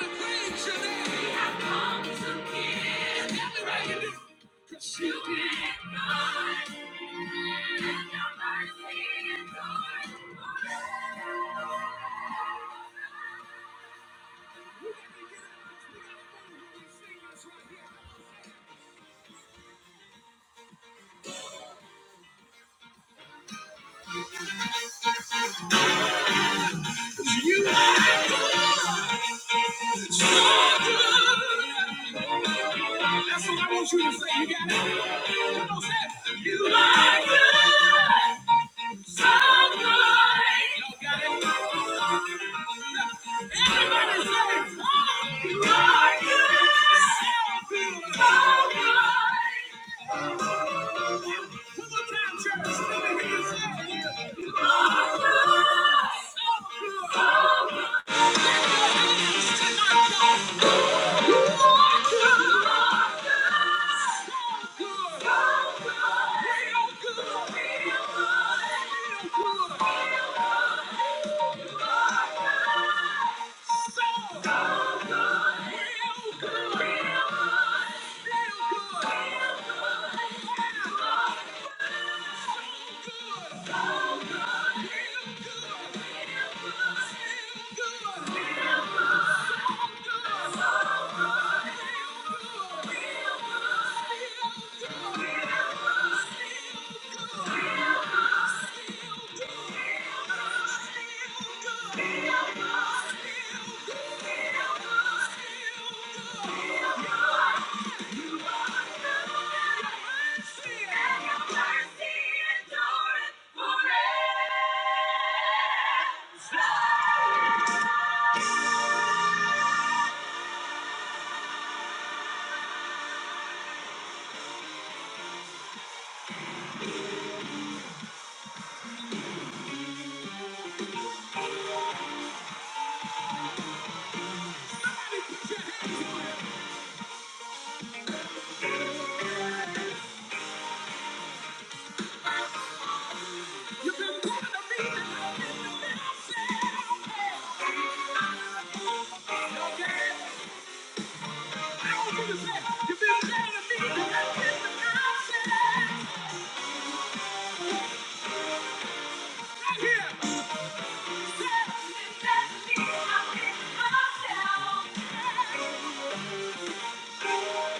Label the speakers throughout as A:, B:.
A: You are so good. That's what I want you to say. You got it. Come on, say it. You are good. So good. Real good. Feel good. Yeah. Thank you.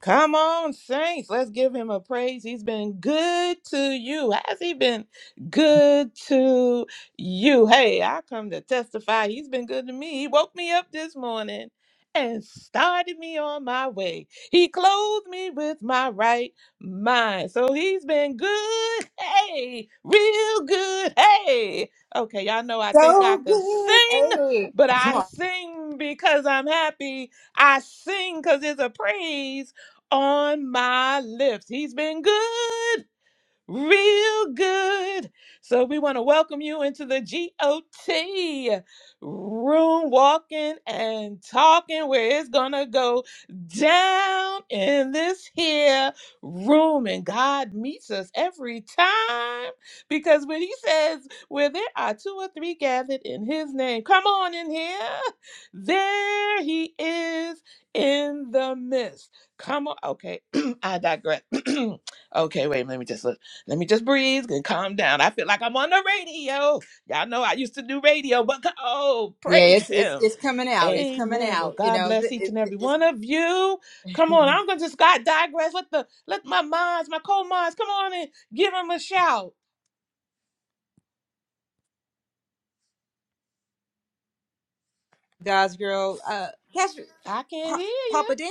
A: Come on, Saints. Let's give him a praise. He's been good to you. Has he been good to you? Hey, I come to testify. He's been good to me. He woke me up this morning and started me on my way. He clothed me with my right mind. So he's been good. Hey, real good. Hey. Okay, y'all know I think I
B: so
A: could
B: good.
A: sing,
B: Hey,
A: but
B: come
A: I
B: on.
A: sing because I'm happy. I sing because it's a praise on my lips. He's been good real good. So we want to welcome you into the GOT room, walking and talking, where it's going to go down in this here room. And God meets us every time because when He says, where there are two or three gathered in His name, come on in here. There He is in the midst. Come on. Okay. I digress. okay, wait, let me just look. Let me just breathe and calm down. I feel like I'm on the radio. Y'all know I used to do radio, but go- oh,
B: Yeah, it's
A: praise
B: it's
A: him.
B: it's coming out. It's coming
A: Amen. Well,
B: out. You
A: God
B: know,
A: bless
B: th-
A: each
B: it,
A: and every
B: it,
A: one of you. Come on,
B: it's
A: I'm gonna just God digress. Let the let my minds, my cold minds, come on and give him a shout.
B: God's girl. Uh, Pastor
A: I can't
B: Pa-
A: hear you.
B: Papa Dan,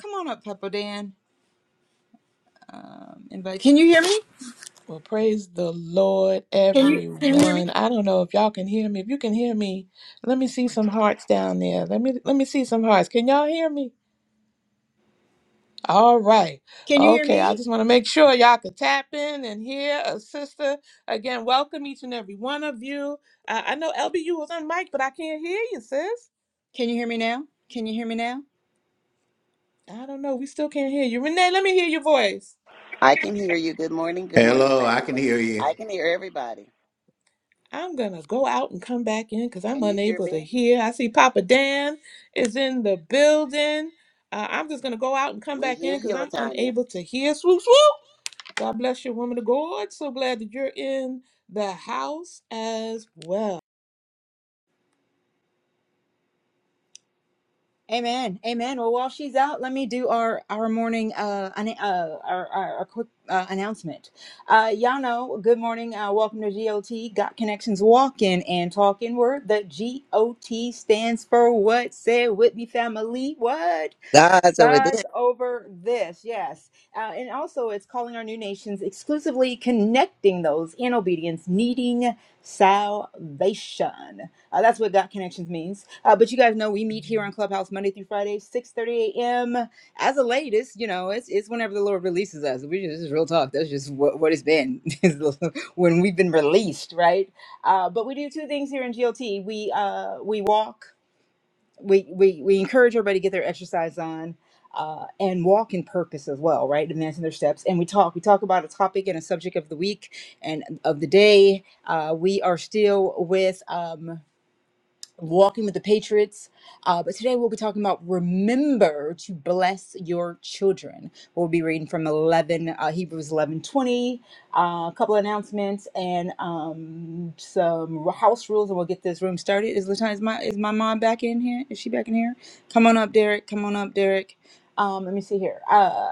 B: come on up, Papa Dan. Um, invite. Can you hear me?
A: Well, praise the Lord,
B: Can you can you hear me?
A: everyone. I don't know if y'all can hear me. If you can hear me, let me see some hearts down there. Let me let me see some hearts. Can y'all hear me? All right.
B: Can you hear
A: Okay. I
B: me?
A: just want to make sure y'all could tap in and hear a sister. Again, welcome each and every one of you. Uh, I know LB, you was on mic, but I can't hear you, sis.
B: Can you hear me now? Can you hear me now?
A: I don't know. We still can't hear you. Renee, let me hear your voice.
C: I can hear you. Good morning. Good morning,
D: Hello, I can
C: family.
D: hear you.
C: I can hear everybody.
A: I'm going to go out and come back in because I'm
C: Can you hear
A: unable to
C: me?
A: hear. I see Papa Dan is in the building. Uh, I'm just going to go out and come
C: We
A: back
C: hear
A: in because
C: you,
A: I'm
C: Latanya.
A: unable to hear. Swoop, swoop. God bless you, woman of God. So glad that you're in the house as well.
B: Amen. Amen. Well, while she's out, let me do our our morning uh, an, uh our, our, our quick uh, announcement. Uh, y'all know. Good morning. Uh, welcome to GOT. Got connections. Walking and talking. Where The GOT stands for what? Say it with me, family. What?
C: God's over there.
B: God's over this, yes. Uh, and also, it's calling our new nations exclusively connecting those in obedience, needing salvation. Uh, that's what Dot Connections means. Uh, but you guys know we meet here on Clubhouse Monday through Friday, 6.30 a.m. As the latest, you know, it's, it's whenever the Lord releases us. We just, this is real talk. That's just what, what it's been when we've been released, right? Uh, but we do two things here in GLT. We, uh, we walk we we we encourage everybody to get their exercise on uh, and walk in purpose as well, right? Advancing their steps. And we talk. We talk about a topic and a subject of the week and of the day. Uh, we are still with. Um, walking with the Patriots. Uh, but today we'll be talking about remember to bless your children. We'll be reading from 11, uh, Hebrews 11 20. uh, a couple announcements, and um, some house rules, and we'll get this room started. Is Latan, is my, is my mom back in here? Is she back in here? Come on up, Derek. Come on up, Derek. Um, let me see here. Uh,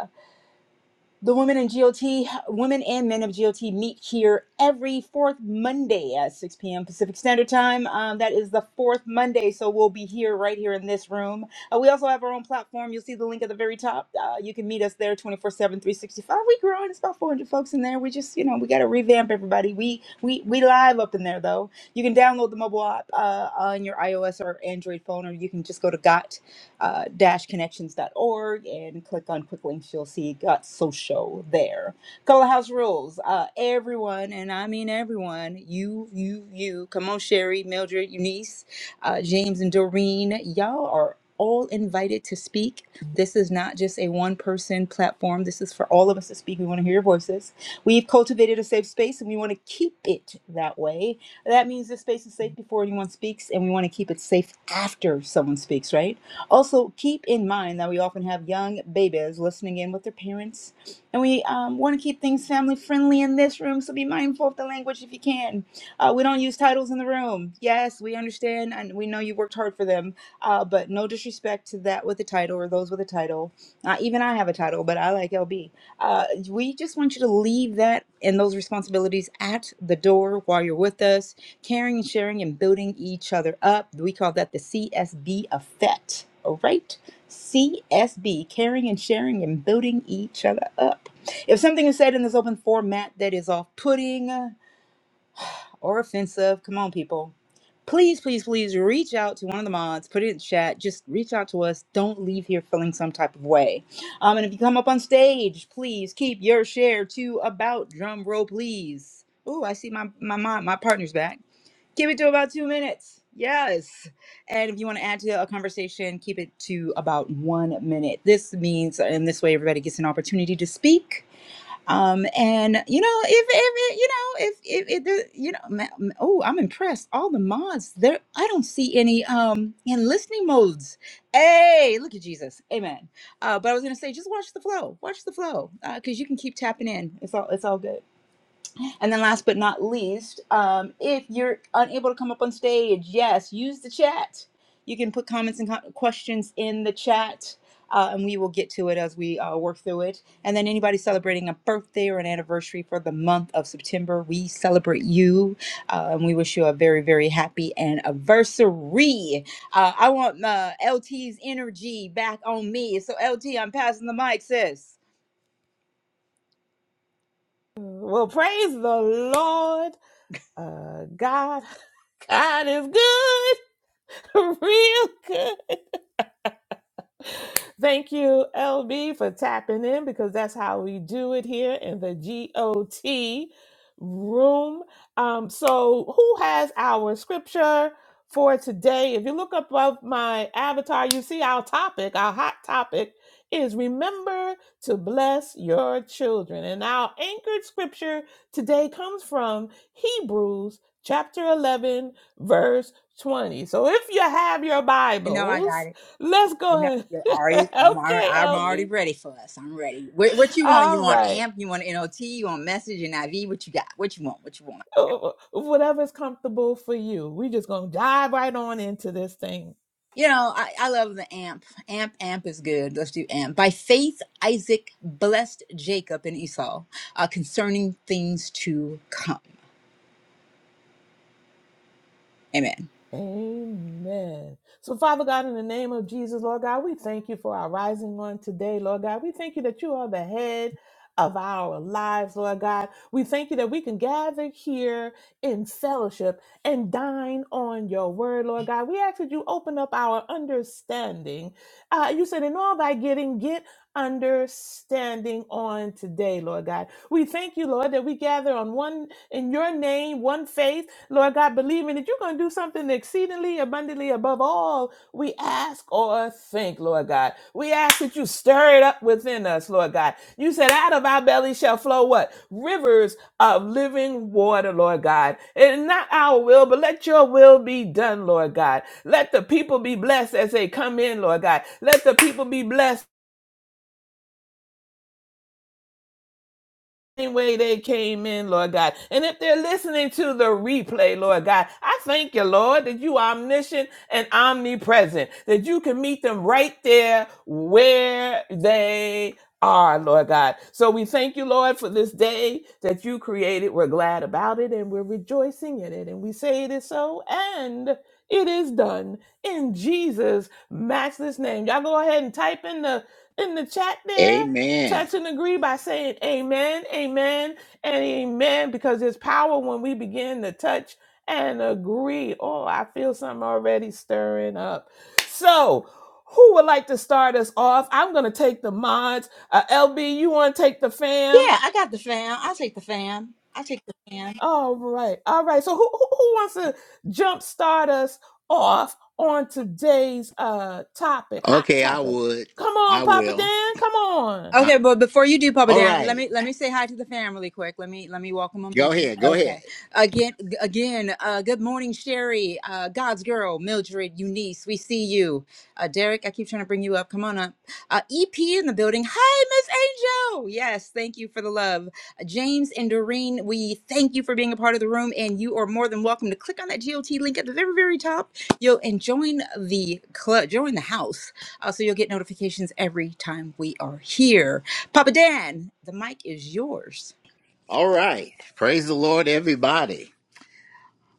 B: the women in GOT, women and men of GOT meet here every fourth Monday at 6 p.m. Pacific Standard Time. Um, that is the fourth Monday, so we'll be here right here in this room. Uh, we also have our own platform. You'll see the link at the very top. Uh, you can meet us there 24 7, 365. we growing. It's about 400 folks in there. We just, you know, we got to revamp everybody. We, we we live up in there, though. You can download the mobile app uh, on your iOS or Android phone, or you can just go to GOT uh, dashconnections.org and click on quick links. You'll see Got Social there. Color House Rules. Uh, everyone, and I mean everyone, you, you, you, come on, Sherry, Mildred, Eunice, uh, James, and Doreen, y'all are all invited to speak. This is not just a one person platform. This is for all of us to speak. We want to hear your voices. We've cultivated a safe space and we want to keep it that way. That means this space is safe before anyone speaks and we want to keep it safe after someone speaks, right? Also, keep in mind that we often have young babies listening in with their parents, and we um, want to keep things family friendly in this room, so be mindful of the language if you can. Uh, we don't use titles in the room. Yes, we understand, and we know you worked hard for them, uh, but no disrespect to that with a title or those with a title. Uh, even I have a title, but I like LB. Uh, we just want you to leave that and those responsibilities at the door while you're with us caring, sharing, and building each other up. We call that the CSB effect. All right? CSB, caring and sharing and building each other up. If something is said in this open format that is off putting or offensive, come on, people. Please, please, please reach out to one of the mods, put it in chat, just reach out to us. Don't leave here feeling some type of way. Um, and if you come up on stage, please keep your share to about drum roll, please. Ooh, I see my my my, my partner's back. Keep it to about two minutes. Yes. And if you want to add to a conversation, keep it to about one minute. This means, in this way, everybody gets an opportunity to speak. Um, and you know, if, if it, you know, if, if, if the, you know, ma- ma- oh, I'm impressed. All the mods there, I don't see any, um, in listening modes. Hey, look at Jesus. Amen. Uh, but I was going to say, just watch the flow, watch the flow. Uh, cause you can keep tapping in. It's all, it's all good. And then last but not least, um, if you're unable to come up on stage, yes, use the chat. You can put comments and co- questions in the chat. Uh, and we will get to it as we uh, work through it. And then anybody celebrating a birthday or an anniversary for the month of September, we celebrate you. Uh, and we wish you a very, very happy anniversary. Uh, I want uh, LT's energy back on me. So, LT, I'm passing the mic, sis.
A: Well, praise the Lord. Uh, God, God is good, real good. Thank you, LB, for tapping in because that's how we do it here in the GOT room. Um, so, who has our scripture for today? If you look above my avatar, you see our topic, our hot topic is remember to bless your children. And our anchored scripture today comes from Hebrews chapter 11, verse 20. So, if you have your
B: You know I got
A: Bibles,
B: it.
A: Let's
B: You know,
A: go ahead.
B: you're already, I'm already,
A: okay,
B: I'm already
A: Elvie.
B: ready for us. I'm ready. What, what you want? You
A: All
B: want
A: right.
B: AMP? You want NOT? You want Message and IV? What you got? What you want? What you want?
A: Oh, Whatever's comfortable for you. we are just going to dive right on into this thing.
B: You know, I, I love the AMP. AMP, AMP is good. Let's do AMP. By faith, Isaac blessed Jacob and Esau uh, concerning things to come. Amen.
A: Amen. So, Father God, in the name of Jesus, Lord God, we thank you for our rising on today, Lord God. We thank you that you are the head of our lives, Lord God. We thank you that we can gather here in fellowship and dine on your word, Lord God. We ask that you open up our understanding. Uh, you said, in all thy getting, get understanding on today, Lord God. We thank you, Lord, that we gather on one in your name, one faith Lord God, believing that you're going to do something exceedingly abundantly above all we ask or think, Lord God. We ask that you stir it up within us, Lord God. You said, out of our belly shall flow what? Rivers of living water, Lord God. And not our will, but let your will be done, Lord God. Let the people be blessed as they come in, Lord God. Let the people be blessed same way they came in, Lord God. And if they're listening to the replay, Lord God, I thank you, Lord, that you are omniscient and omnipresent, that you can meet them right there where they are, Lord God. So we thank you, Lord, for this day that you created. We're glad about it and we're rejoicing in it. And we say it is so and it is done in Jesus' matchless name. Y'all go ahead and type in the in the chat there
D: Amen.
A: touch and agree by saying amen, amen, and amen, because there's power when we begin to touch and agree. Oh, I feel something already stirring up. So, who would like to start us off? I'm going to take the mods. Uh, LB, you want to take the fam?
B: Yeah, I got the fam. I take the fam. I take the fam.
A: All right. All right. So, who, who, who wants to jumpstart us off on today's uh topic, hot
D: Okay, I
A: topic?
D: would.
A: Come on,
D: I
A: Papa
D: will.
A: Dan. Come on.
D: I,
B: Okay, but before you do, Papa
D: all
B: Dan, let
D: right.
B: me let me say hi to the family quick. Let me let me welcome them
D: Go
B: in.
D: ahead. Go ahead.
B: Okay, again, again. Uh, good morning, Sherry, uh, God's girl, Mildred, Eunice. We see you. Uh, Derek, I keep trying to bring you up. Come on up. Uh, EP in the building. Hi, Miss Angel. Yes, thank you for the love. Uh, James and Doreen, we thank you for being a part of the room, and you are more than welcome to click on that GOT link at the very, very top. You'll and join the club, join the house, uh, so you'll get notifications every time we are here. Papa Dan, the mic is yours.
D: All right. Praise the Lord, everybody.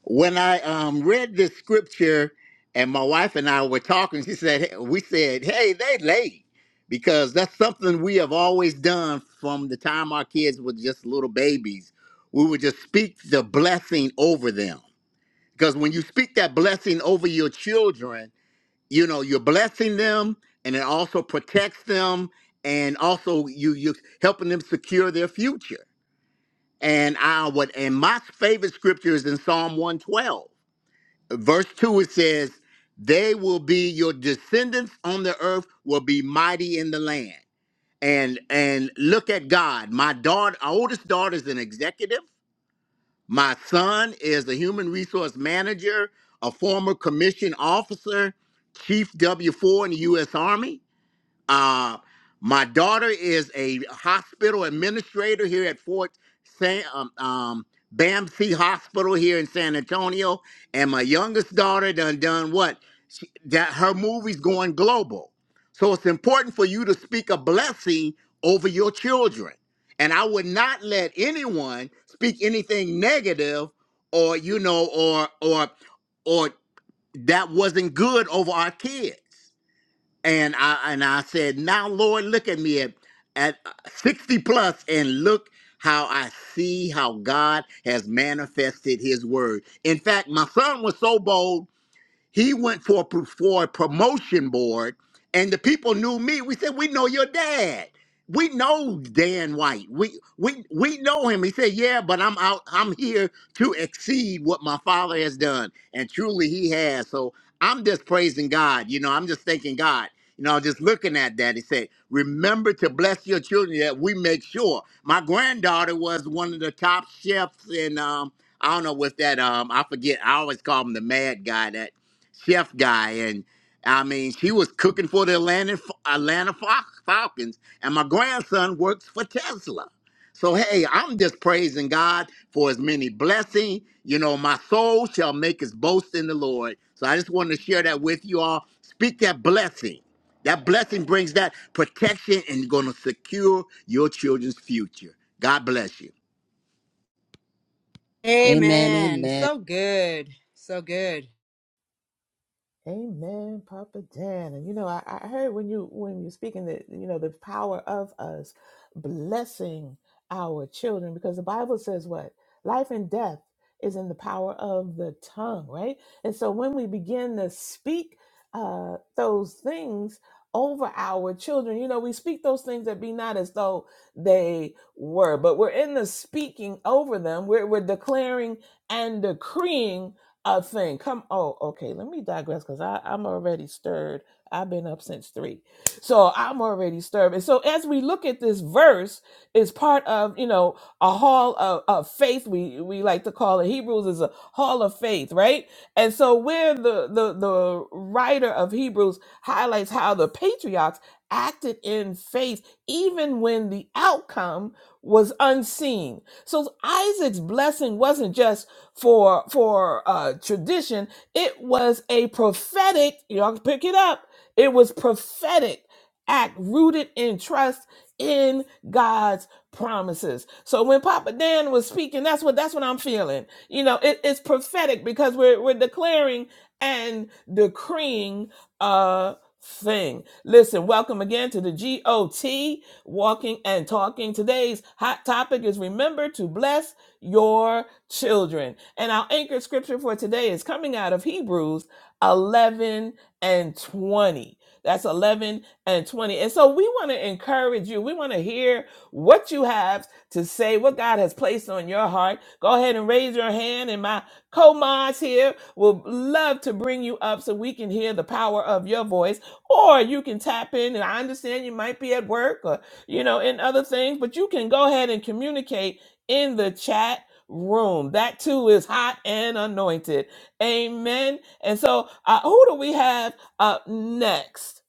D: When I um, read this scripture, and my wife and I were talking, she said, hey- "We said, hey, they late." Because that's something we have always done from the time our kids were just little babies. We would just speak the blessing over them. Because when you speak that blessing over your children, you know you're blessing them and it also protects them and also you you helping them secure their future and i would and my favorite scripture is in psalm 112 verse 2 it says they will be your descendants on the earth will be mighty in the land and and look at god my daughter our oldest daughter is an executive my son is a human resource manager a former commissioned officer chief w4 in the u.s army uh, my daughter is a hospital administrator here at Fort San um, um, Bamsey Hospital here in San Antonio, and my youngest daughter done done what? She, that her movie's going global, so it's important for you to speak a blessing over your children. And I would not let anyone speak anything negative, or you know, or or or that wasn't good over our kids and I and I said, "Now, Lord, look at me at at uh, 60 plus, and look how I see how God has manifested His word." In fact, my son was so bold. He went for a, for a promotion board, and the people knew me. We said, "We know your dad. We know Dan White. We we we know him." He said, "Yeah, but I'm out. I'm here to exceed what my father has done, and truly, he has." So I'm just praising God. You know, I'm just thanking God. You know, just looking at that, he said, "Remember to bless your children that we make sure." My granddaughter was one of the top chefs in um, I don't know what's that. Um, I forget. I always call him the mad guy. That chef guy, and I mean, she was cooking for the Atlanta Atlanta Fal- Falcons, and my grandson works for Tesla. So hey, I'm just praising God for His many blessings. You know, my soul shall make His boast in the Lord. So I just wanted to share that with you all. Speak that blessing. That blessing brings that protection and going to secure your children's future. God bless you.
C: Amen.
B: Amen.
C: Amen.
B: So good, so good.
A: Amen, Papa Dan. And you know, I, I heard when you when you're speaking that you know the power of us blessing our children because the Bible says what life and death is in the power of the tongue, right? And so when we begin to speak uh, those things over our children, you know, we speak those things that be not as though they were, but we're in the speaking over them. We're we're declaring and decreeing a thing. Come, oh, okay. Let me digress because I'm already stirred. I've been up since three, so I'm already stirred. And so as we look at this verse, it's part of you know a hall of, of faith. We we like to call it Hebrews is a hall of faith, right? And so where the the the writer of Hebrews highlights how the patriarchs acted in faith even when the outcome was unseen. So Isaac's blessing wasn't just for for uh, tradition. It was a prophetic. Y'all can pick it up. It was prophetic act rooted in trust in God's promises. So when Papa Dan was speaking, that's what that's what I'm feeling. You know, it, it's prophetic because we're we're declaring and decreeing a thing. Listen, welcome again to the GOT Walking and Talking. Today's hot topic is remember to bless your children. And our anchored scripture for today is coming out of Hebrews 11 and 20. That's 11 and 20. And so we want to encourage you. We want to hear what you have to say, what God has placed on your heart. Go ahead and raise your hand, and my co mods here will love to bring you up so we can hear the power of your voice. Or you can tap in, and I understand you might be at work or, you know, in other things, but you can go ahead and communicate in the chat room. That too is hot and anointed. Amen. And so, uh, who do we have up next?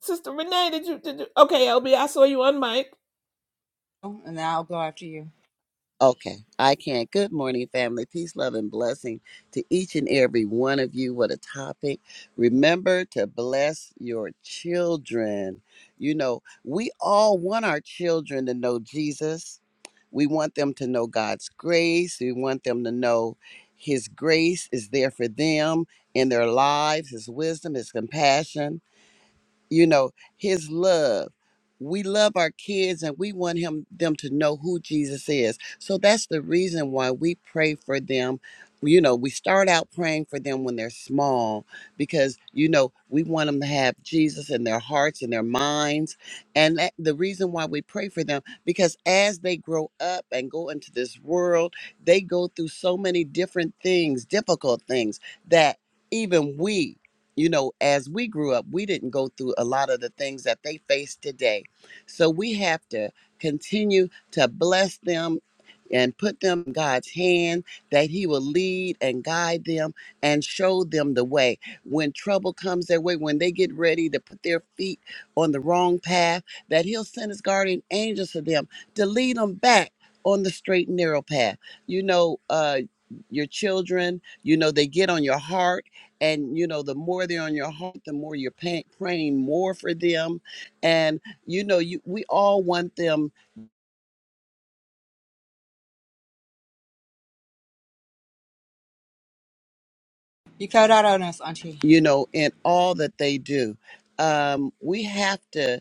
A: Sister Renee, did you, did you? Okay, LB, I saw you on mic.
B: Oh, And then I'll go after you.
C: Okay. I can. Good morning, family. Peace, love, and blessing to each and every one of you. What a topic. Remember to bless your children. You know, we all want our children to know Jesus. We want them to know God's grace. We want them to know His grace is there for them in their lives, His wisdom, His compassion you know his love we love our kids and we want him them to know who jesus is so that's the reason why we pray for them you know we start out praying for them when they're small because you know we want them to have jesus in their hearts and their minds and that, the reason why we pray for them because as they grow up and go into this world they go through so many different things difficult things that even we you know, as we grew up, we didn't go through a lot of the things that they face today. So we have to continue to bless them and put them in God's hand that He will lead and guide them and show them the way. When trouble comes their way, when they get ready to put their feet on the wrong path, that He'll send His guardian angels to them to lead them back on the straight and narrow path. You know, uh, your children, you know, they get on your heart and you know the more they're on your heart the more you're paying, praying more for them and you know you we all want them
B: You cut out on us, Auntie.
C: you know in all that they do um we have to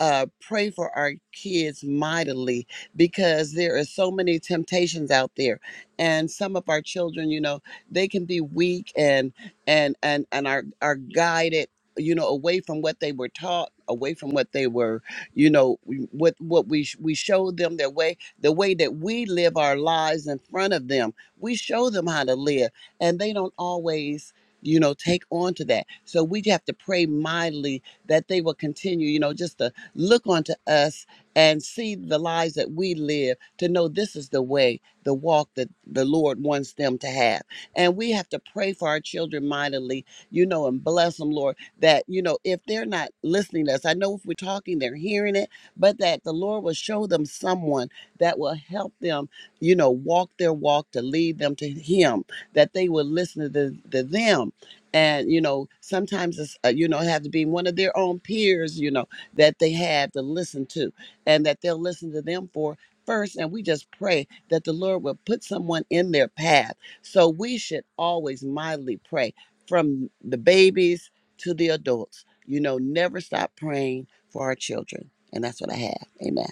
C: uh, pray for our kids mightily because there are so many temptations out there, and some of our children, you know, they can be weak and and and and are are guided, you know, away from what they were taught, away from what they were, you know, we- what what we sh- we showed them their way, the way that we live our lives in front of them. We show them how to live, and they don't always. You know, take on to that. So we have to pray mightily that they will continue, you know, just to look unto us and see the lives that we live to know this is the way, the walk that the Lord wants them to have. And we have to pray for our children mightily, you know, and bless them, Lord, that, you know, if they're not listening to us, I know if we're talking, they're hearing it, but that the Lord will show them someone that will help them, you know, walk their walk to lead them to Him, that they will listen to, the, to them and you know sometimes it's uh, you know have to be one of their own peers you know that they have to listen to and that they'll listen to them for first and we just pray that the lord will put someone in their path so we should always mildly pray from the babies to the adults you know never stop praying for our children and that's what i have amen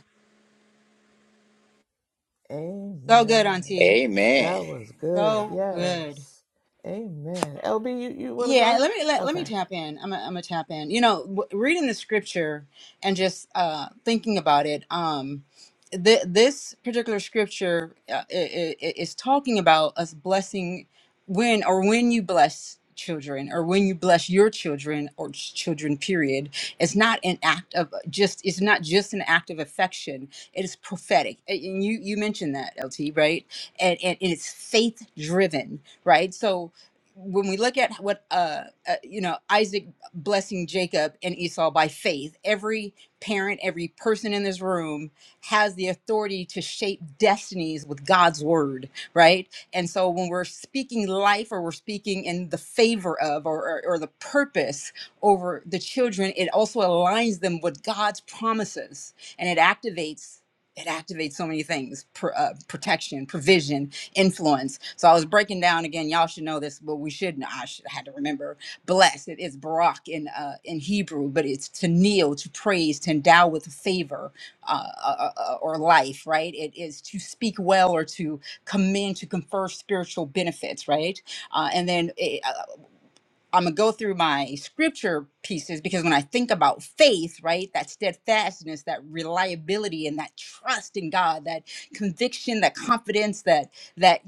B: So good,
A: Amen.
B: Auntie.
D: Amen.
A: That was good.
B: So good.
A: Yes. Amen. LB, you, you want to go
B: Yeah,
A: ahead?
B: let me let, let
A: Okay.
B: me tap in. I'm a, I'm a tap in. You know, w- reading the scripture and just uh thinking about it. Um th- this particular scripture uh, i i- is talking about us blessing when or when you bless children or when you bless your children or ch- children period it's not an act of just it's not just an act of affection it is prophetic and you you mentioned that lt right and and, and it's faith driven right so when we look at what uh, uh you know Isaac blessing Jacob and Esau by faith, every parent, every person in this room has the authority to shape destinies with God's word, right? And so when we're speaking life or we're speaking in the favor of or or, or the purpose over the children, it also aligns them with God's promises and it activates it activates so many things pr- uh, protection provision influence. So I was breaking down again. Y'all should know this, but we shouldn't. I should, I had to remember. Blessed it is Barak in uh, in Hebrew, but it's to kneel, to praise, to endow with favor uh, uh, uh, uh, or life. Right? It is to speak well or to commend, to confer spiritual benefits. Right? Uh, and then eh, I'm gonna go through my scripture pieces because when I think about faith, right, that steadfastness, that reliability, and that trust in God, that conviction, that confidence, that that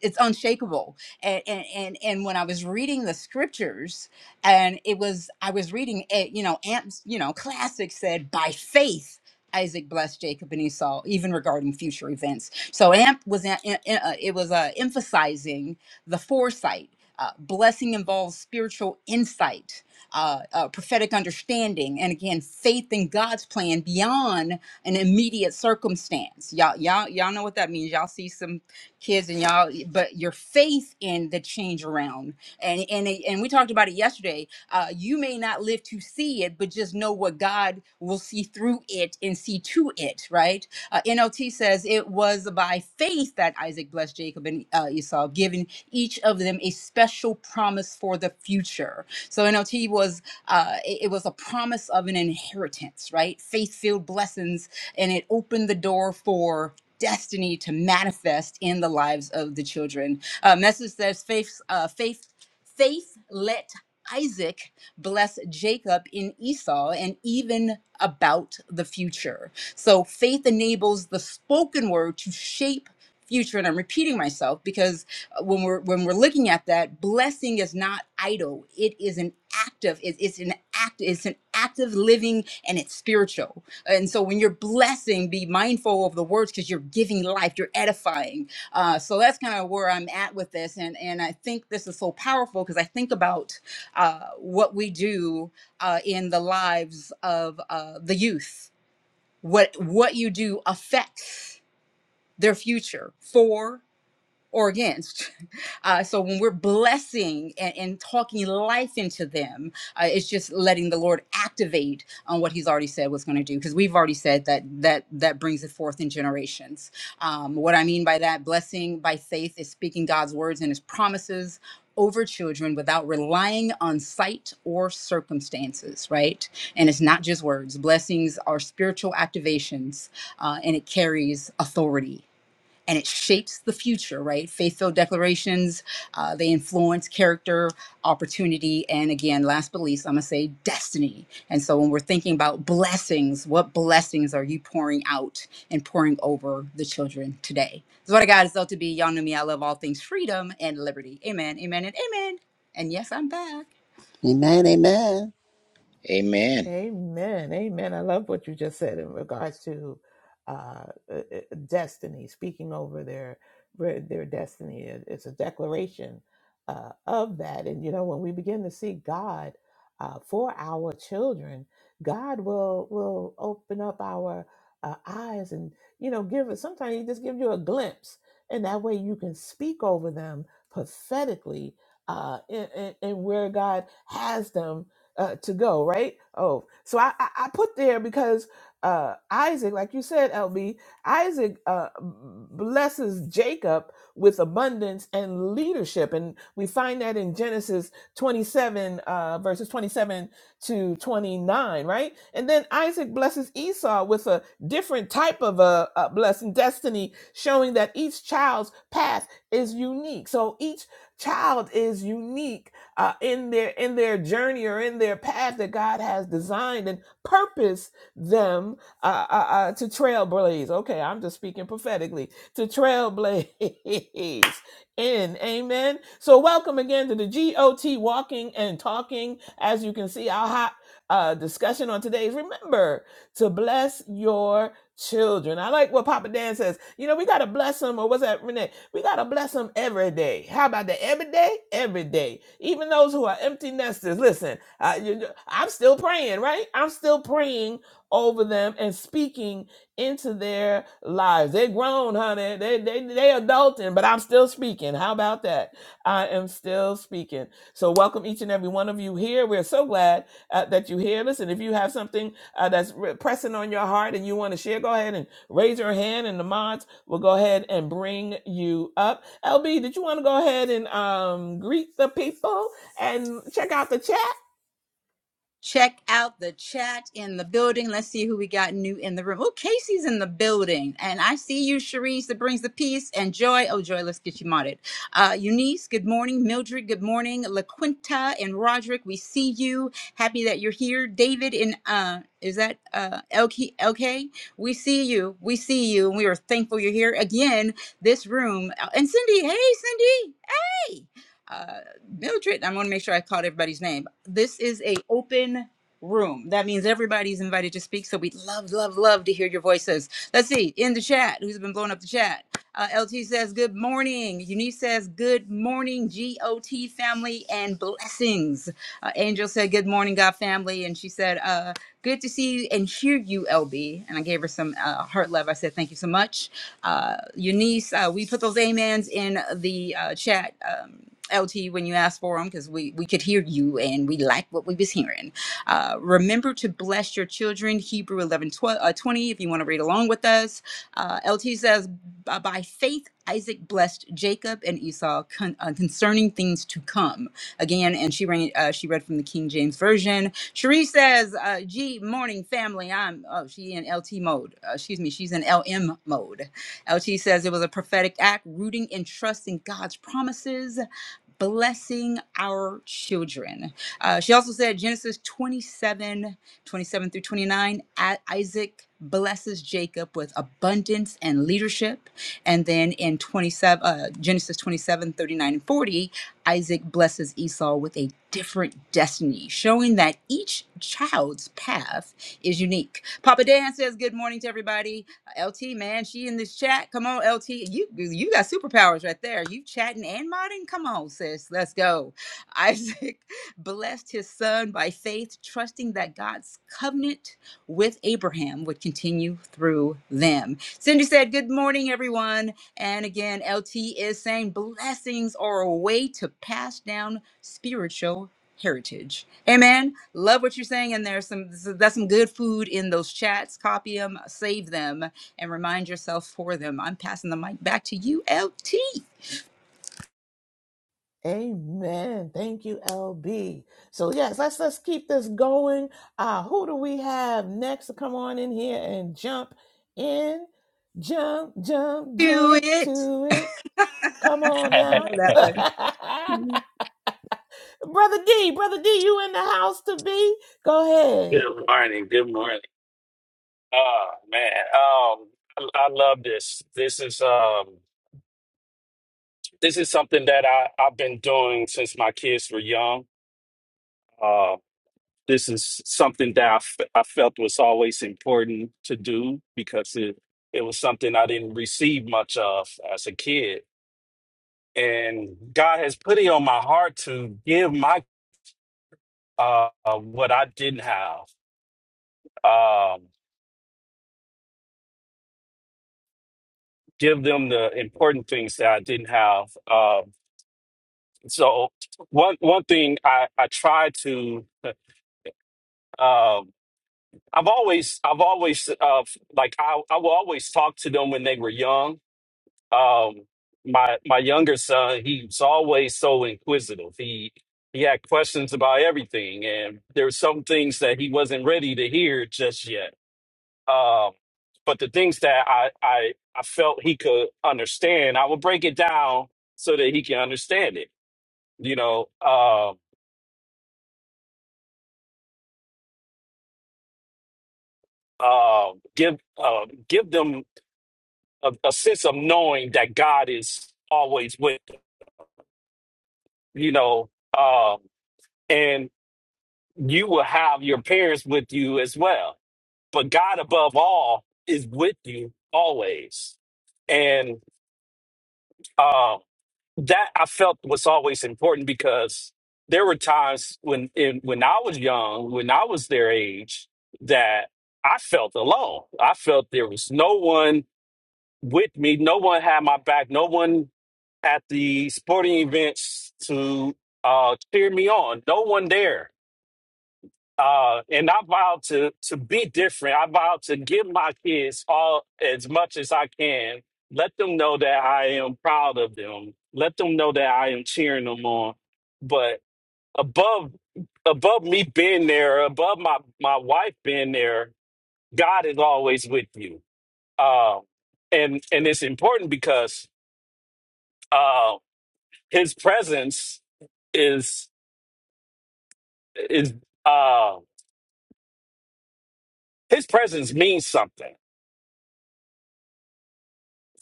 B: it's unshakable. And and and, and when I was reading the scriptures, and it was I was reading, it, you know, amps, you know, classic said by faith. Isaac blessed Jacob and Esau, even regarding future events. So Amp was a- a- a- it was uh, emphasizing the foresight uh, blessing involves spiritual insight, uh, uh, prophetic understanding, and again, faith in God's plan beyond an immediate circumstance. Y'all, y'all, y'all know what that means. Y'all see some kids and y'all, but your faith in the change around, and and it- and we talked about it yesterday. Uh, you may not live to see it, but just know what God will see through it and see to it, right? Uh, NLT says it was by faith that Isaac blessed Jacob and uh, Esau, giving each of them a special promise for the future. So NLT was uh, it, it was a promise of an inheritance, right? Faith filled blessings, and it opened the door for destiny to manifest in the lives of the children. Uh, message says faith, uh, faith, faith let Isaac bless Jacob in Esau, and even about the future. So faith enables the spoken word to shape future and i'm repeating myself because uh, when we're when we're looking at that blessing is not idle it is an active it- it's an act it's an active living and it's spiritual and so when you're blessing be mindful of the words because you're giving life you're edifying uh, so that's kind of where i'm at with this and and i think this is so powerful because i think about uh, what we do uh, in the lives of uh, the youth what what you do affects their future for or against. Uh, so when we're blessing and, and talking life into them, uh, it's just letting the Lord activate on what He's already said was going to do. Because we've already said that that that brings it forth in generations. Um, what I mean by that, blessing by faith is speaking God's words and His promises. Over children without relying on sight or circumstances, right? And it's not just words. Blessings are spiritual activations uh, and it carries authority and it shapes the future, right? Faith filled declarations, uh, they influence character, opportunity, and again, last but least, I'm gonna say destiny. And so when we're thinking about blessings, what blessings are you pouring out and pouring over the children today? So what I got is L to be. Y'all know me. I love all things freedom and liberty. Amen, amen, and amen. And yes, I'm back.
C: amen amen
D: Amen.
A: Amen. Amen. I love what you just said in regards to uh, uh, uh, destiny, speaking over their their destiny. It- It's a declaration uh, of that. And, you know, when we begin to see God uh, for our children, God will will open up our uh, eyes and, you know, give us sometimes he just gives you a glimpse. And that way you can speak over them prophetically uh, in, in, in where God has them uh, to go, right? Oh, so I, I, I put there because uh, Isaac, like you said, LB, Isaac uh, blesses Jacob with abundance and leadership. And we find that in Genesis 27, uh, verses 27 to 29, right? And then Isaac blesses Esau with a different type of a, a blessing, destiny, showing that each child's path is unique. So each child is unique uh, in their in their journey or in their path that God has designed and purposed them uh, uh, uh, to trailblaze. Okay, I'm just speaking prophetically to trailblaze. In amen. So welcome again to the GOT Walking and Talking. As you can see, our hot uh, discussion on today is remember to bless your children. I like what Papa Dan says. You know, we gotta bless them, or what's that, Renee? We gotta bless them every day. How about that? Every day, every day. Even those who are empty nesters. Listen, I, you I'm still praying, right? I'm still praying over them and speaking into their lives. They're grown, honey. They they they adulting, but I'm still speaking. How about that? I am still speaking. So welcome each and every one of you here. We're so glad uh, that you're here. Listen, if you have something uh, that's re- pressing on your heart and you want to share, go ahead and raise your hand, and the mods will go ahead and bring you up. LB, did you want to go ahead and um, greet the people and check out the chat?
B: Check out the chat in the building. Let's see who we got new in the room. Oh, Casey's in the building. And I see you, Cherise, that brings the peace and joy. Oh, Joy, let's get you modded. Uh, Eunice, good morning. Mildred, good morning. LaQuinta and Roderick, we see you. Happy that you're here. David and uh, is that uh, LK, We see you. We see you. And we are thankful you're here again. This room. Uh, And Cindy, hey, Cindy hey, uh, Mildred, I want to make sure I called everybody's name. This is a open room. That means everybody's invited to speak. So we'd love, love, love to hear your voices. Let's see in the chat who's been blowing up the chat. Uh, LT says good morning. Eunice says good morning. GOT family and blessings. Uh, Angel said good morning, God family, and she said uh, good to see you and hear you, LB. And I gave her some uh, heart love. I said thank you so much. Uh, Eunice, uh, we put those amens in the uh, chat. Um, LT, when you asked for them, because we, we could hear you and we liked what we was hearing. Uh, remember to bless your children, Hebrew 11, twelve, uh, 20, if you want to read along with us. Uh, LT says, "By by faith, Isaac blessed Jacob and Esau con- uh, concerning things to come. Again, and she, ran, uh, she read from the King James Version. Cherie says, uh, "G morning family. I'm oh she in LT mode. Uh, excuse me, she's in LM mode. LT says it was a prophetic act, rooting and trusting God's promises. Blessing our children. Uh, she also said Genesis 27, 27 through 29. A- Isaac blesses Jacob with abundance and leadership. And then in 27, uh, Genesis 27, 39 and 40, Isaac blesses Esau with a different destiny, showing that each child's path is unique. Papa Dan says, Good morning to everybody. LT, man, she in this chat. Come on, LT. You you got superpowers right there. You chatting and modding? Come on, sis. Let's go. Isaac blessed his son by faith, trusting that God's covenant with Abraham would continue through them. Cindy said, Good morning, everyone. And again, LT is saying blessings are a way to pass down spiritual heritage. Amen. Love what you're saying. And there's some, that's some good food in those chats. Copy them, save them, and remind yourself for them. I'm passing the mic back to you, LT.
A: Amen. Thank you, LB. So yes, let's let's keep this going. Uh, who do we have next to come on in here and jump in? Jump, jump,
B: Do
A: jump
B: it.
A: to it. Come on
B: I know
A: now.
B: that was
A: Brother D, Brother D, you in the house to be? Go ahead.
E: Good morning. Good morning. Oh man. Um I, I love this. This is um this is something that I, I've been doing since my kids were young. Uh this is something that I, f- I felt was always important to do because it, it was something I didn't receive much of as a kid. And God has put it on my heart to give my uh, uh what I didn't have. Um give them the important things that I didn't have. Um so one one thing I I try to um I've always I've always uh like I I will always talk to them when they were young. Um my my younger son, he's always so inquisitive. He he had questions about everything and there were some things that he wasn't ready to hear just yet. Um but the things that I I I felt he could understand, I would break it down so that he can understand it. You know, um uh, give uh, give them a, a sense of knowing that God is always with them, you know, um, and you will have your parents with you as well. But God above all is with you always, and uh, that I felt was always important because there were times when in, when I was young, when I was their age, that I felt alone. I felt there was no one with me. No one had my back. No one at the sporting events to uh, cheer me on. No one there. Uh, and I vowed to to be different. I vowed to give my kids all as much as I can. Let them know that I am proud of them. Let them know that I am cheering them on. But above above me being there, above my my wife being there, God is always with you. Uh, and and it's important because uh, his presence is is uh, his presence means something,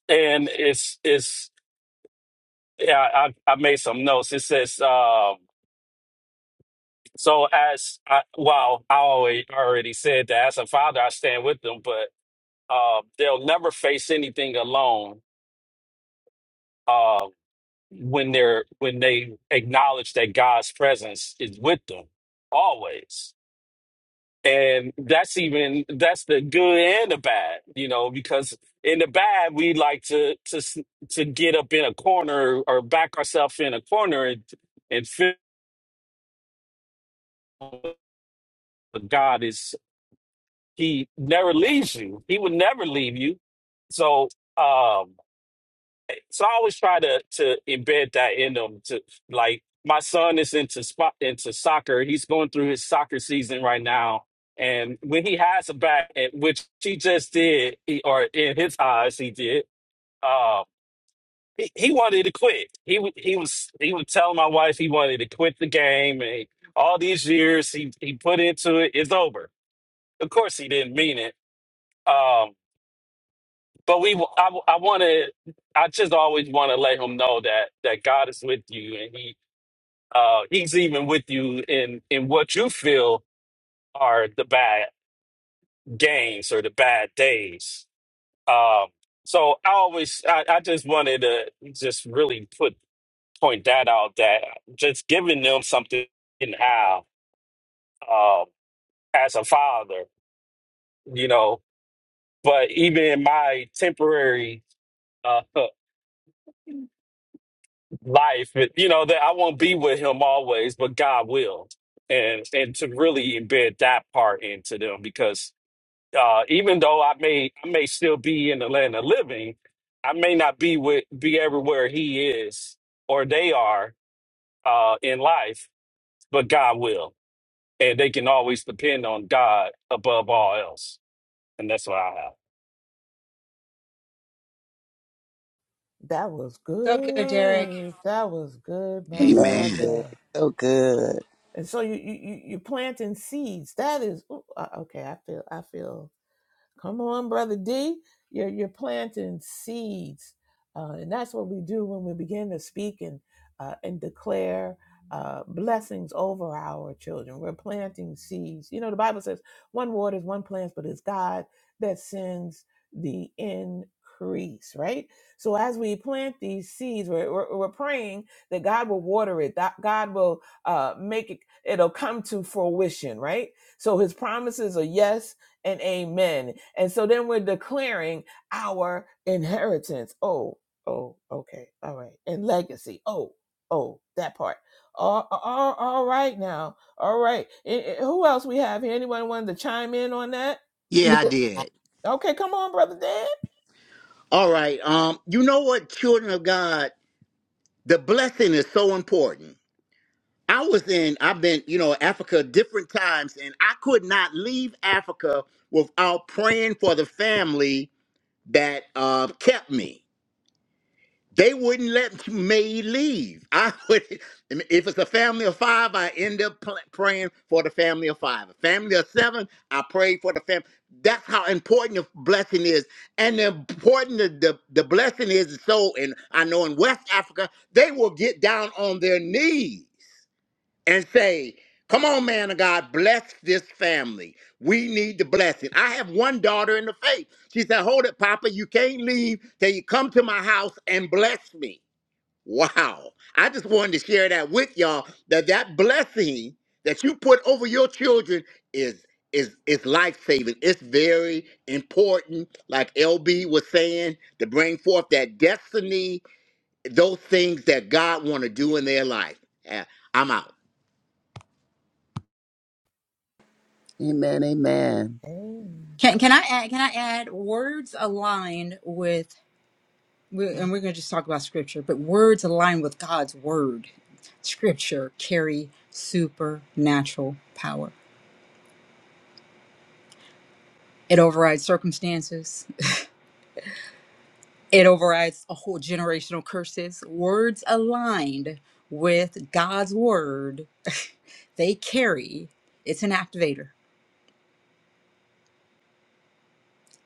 E: and it's it's yeah. I, I made some notes. It says um, so as I, well. I already already said that as a father, I stand with them, but uh, they'll never face anything alone. Uh, when they're when they acknowledge that God's presence is with them always And that's even that's the good and the bad, you know, because in the bad we like to to s- to get up in a corner or back ourselves in a corner and and feel that God is he never leaves you. He would never leave you. So um So I always try to to embed that in them. To like, my son is into spot into soccer. He's going through his soccer season right now, and when he has a back, and which he just did, he, or in his eyes he did. Uh, he, he wanted to quit. He wa- he was he was telling my wife he wanted to quit the game, and all these years he he put into it, it's over. Of course, he didn't mean it. Um, but we i, I want to i just always want to let him know that that god is with you and he uh he's even with you in in what you feel are the bad games or the bad days um so i always i, I just wanted to just really put point that out that just giving them something in how um as a father you know but even in my temporary uh, life, but, you know, that I won't be with him always, but God will. And and to really embed that part into them because uh even though I may I may still be in the land of living, I may not be with be everywhere he is or they are uh in life, but God will. And they can always depend on God above all else. And that's what I
A: That was
B: so good, Derek.
A: good. That was good, my
C: amen
D: Amen.
C: Glory.
A: brother.
C: so good
A: And so you you you you planting seeds. That is ooh, uh, okay. I feel I feel Come on, brother D. You're you're planting seeds, uh, and that's what we do when we begin to speak and uh, and declare uh, blessings over our children. We're planting seeds. You know, the Bible says, "One waters, one plants, but it's God that sends the increase." Right. So as we plant these seeds, we're we're, we're praying that God will water it. That God will uh, make it. It'll come to fruition. Right. So His promises are yes and amen. And so then we're declaring our inheritance. Oh, oh, okay, all right. And legacy. Oh, oh, that part. All, all, all right now. All right. Eh, eh, who else we have here? Anyone wanted to chime in on that?
D: Yeah, I did.
A: Okay, come on, brother Dan.
D: All right. Um, you know what, children of God, the blessing is so important. I was in, I've been, you know, Africa different times, and I could not leave Africa without praying for the family that uh, kept me. They wouldn't let me leave. I would, if it's a family of five, I end up pl- praying for the family of five. A family of seven, I pray for the family. That's how important the blessing is, and the important the, the, the blessing is. So, and I know in West Africa, they will get down on their knees and say, "Come on, man of God, bless this family. We need the blessing." I have one daughter in the faith. She said, "Hold it, Papa. You can't leave till you come to my house and bless me." Wow. I just wanted to share that with y'all that that blessing that you put over your children is is is life-saving. It's very important like LB was saying to bring forth that destiny, those things that God want to do in their life. Yeah, I'm out.
C: amen amen
A: Amen.
B: Can, can I add? Can I add words aligned with we and we're going to just talk about scripture, but words aligned with God's word, scripture carry supernatural power. It overrides circumstances. It overrides a whole generational curses. Words aligned with God's word, they carry. It's an activator.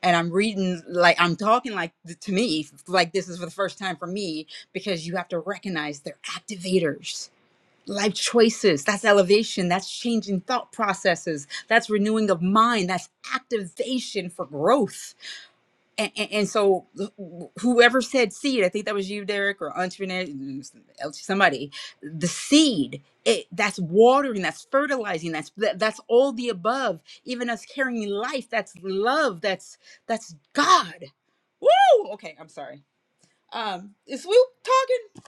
B: And I'm reading like I'm talking like th- to me like this is for the first time for me because you have to recognize they're activators life choices that's elevation that's changing thought processes that's renewing of mind that's activation for growth and, and, and so whoever said seed i think that was you derek or entrepreneur mm, somebody the seed it, that's watering that's fertilizing that's that, that's all the above even us carrying life that's love that's that's god Woo! okay i'm sorry um is swoop talking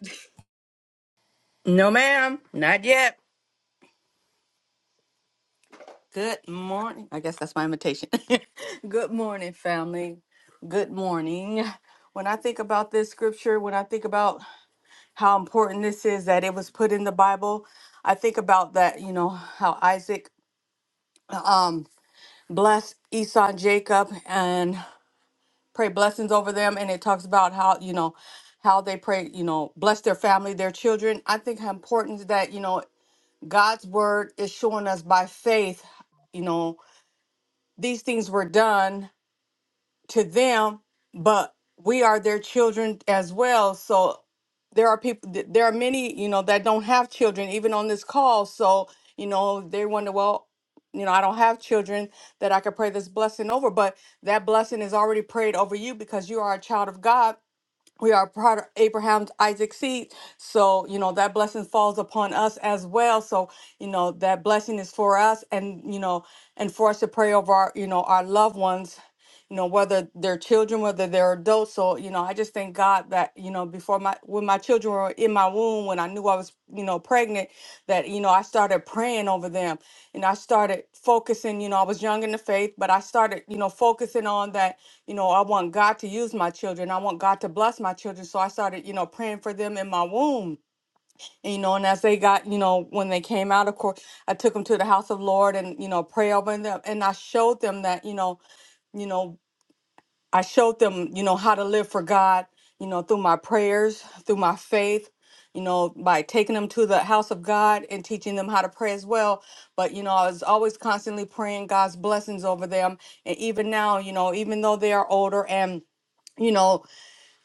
F: No, ma'am, not yet. Good morning. I guess that's my invitation. Good morning, family. Good morning. When I think about this scripture, when I think about how important this is that it was put in the Bible, I think about that, you know, how Isaac um, blessed Esau and Jacob and pray blessings over them. And it talks about how, you know, how they pray, you know, bless their family, their children. I think how important that, you know, God's word is showing us by faith, you know, these things were done to them, but we are their children as well. So there are people, th- there are many, you know, that don't have children, even on this call. So, you know, they wonder, well, you know, I don't have children that I could pray this blessing over, but that blessing is already prayed over you because you are a child of God we are part of Abraham's Isaac seed. So, you know, that blessing falls upon us as well. So, you know, that blessing is for us and, you know, and for us to pray over our, you know, our loved ones, you know, whether they're children, whether they're adults. So, you know, I just thank God that, you know, before my, when my children were in my womb, when I knew I was, you know, pregnant, that, you know, I started praying over them and I started focusing, you know, I was young in the faith, but I started, you know, focusing on that, you know, I want God to use my children. I want God to bless my children. So I started, you know, praying for them in my womb. And, you know, and as they got, you know, when they came out, of course, I took them to the house of Lord and, you know, pray over them. And I showed them that, you know, you know, I showed them, you know, how to live for God, you know, through my prayers, through my faith, you know, by taking them to the house of God and teaching them how to pray as well. But, you know, I was always constantly praying God's blessings over them. And even now, you know, even though they are older and you know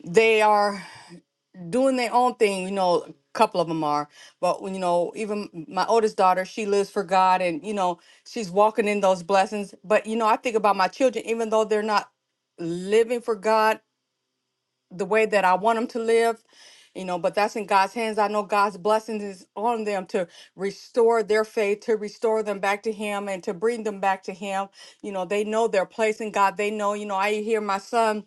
F: they are doing their own thing you know a couple of them are but you know even my oldest daughter she lives for god and you know she's walking in those blessings but you know i think about my children even though they're not living for god the way that i want them to live you know but that's in god's hands i know god's blessings is on them to restore their faith to restore them back to him and to bring them back to him you know they know their place in god they know you know i hear my son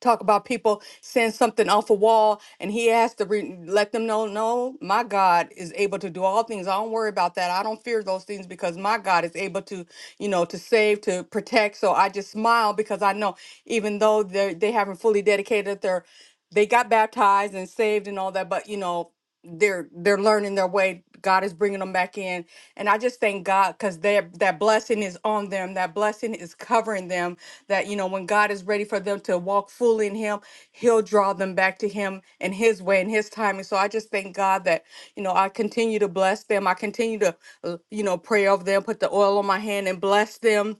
F: talk about people seeing something off a wall and he has to re- let them know no my god is able to do all things i don't worry about that i don't fear those things because my god is able to you know to save to protect so i just smile because i know even though they they haven't fully dedicated their they got baptized and saved and all that but you know they're they're learning their way god is bringing them back in and i just thank god because that that blessing is on them that blessing is covering them that you know when god is ready for them to walk fully in him he'll draw them back to him in his way and his timing so i just thank god that you know i continue to bless them i continue to uh, you know pray over them put the oil on my hand and bless them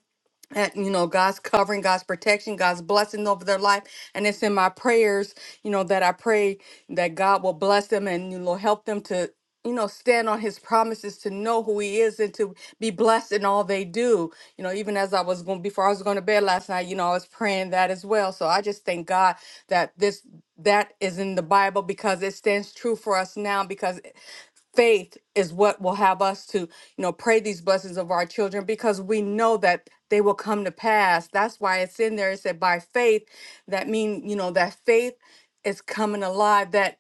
F: at you know God's covering, God's protection, God's blessing over their life, and it's in my prayers, you know, that I pray that God will bless them and you know help them to you know stand on His promises, to know who He is, and to be blessed in all they do. You know, even as I was going before I was going to bed last night, you know, I was praying that as well. So I just thank God that this that is in the Bible because it stands true for us now. Because faith is what will have us to you know pray these blessings of our children because we know that they will come to pass that's why it's in there it said by faith that mean you know that faith is coming alive that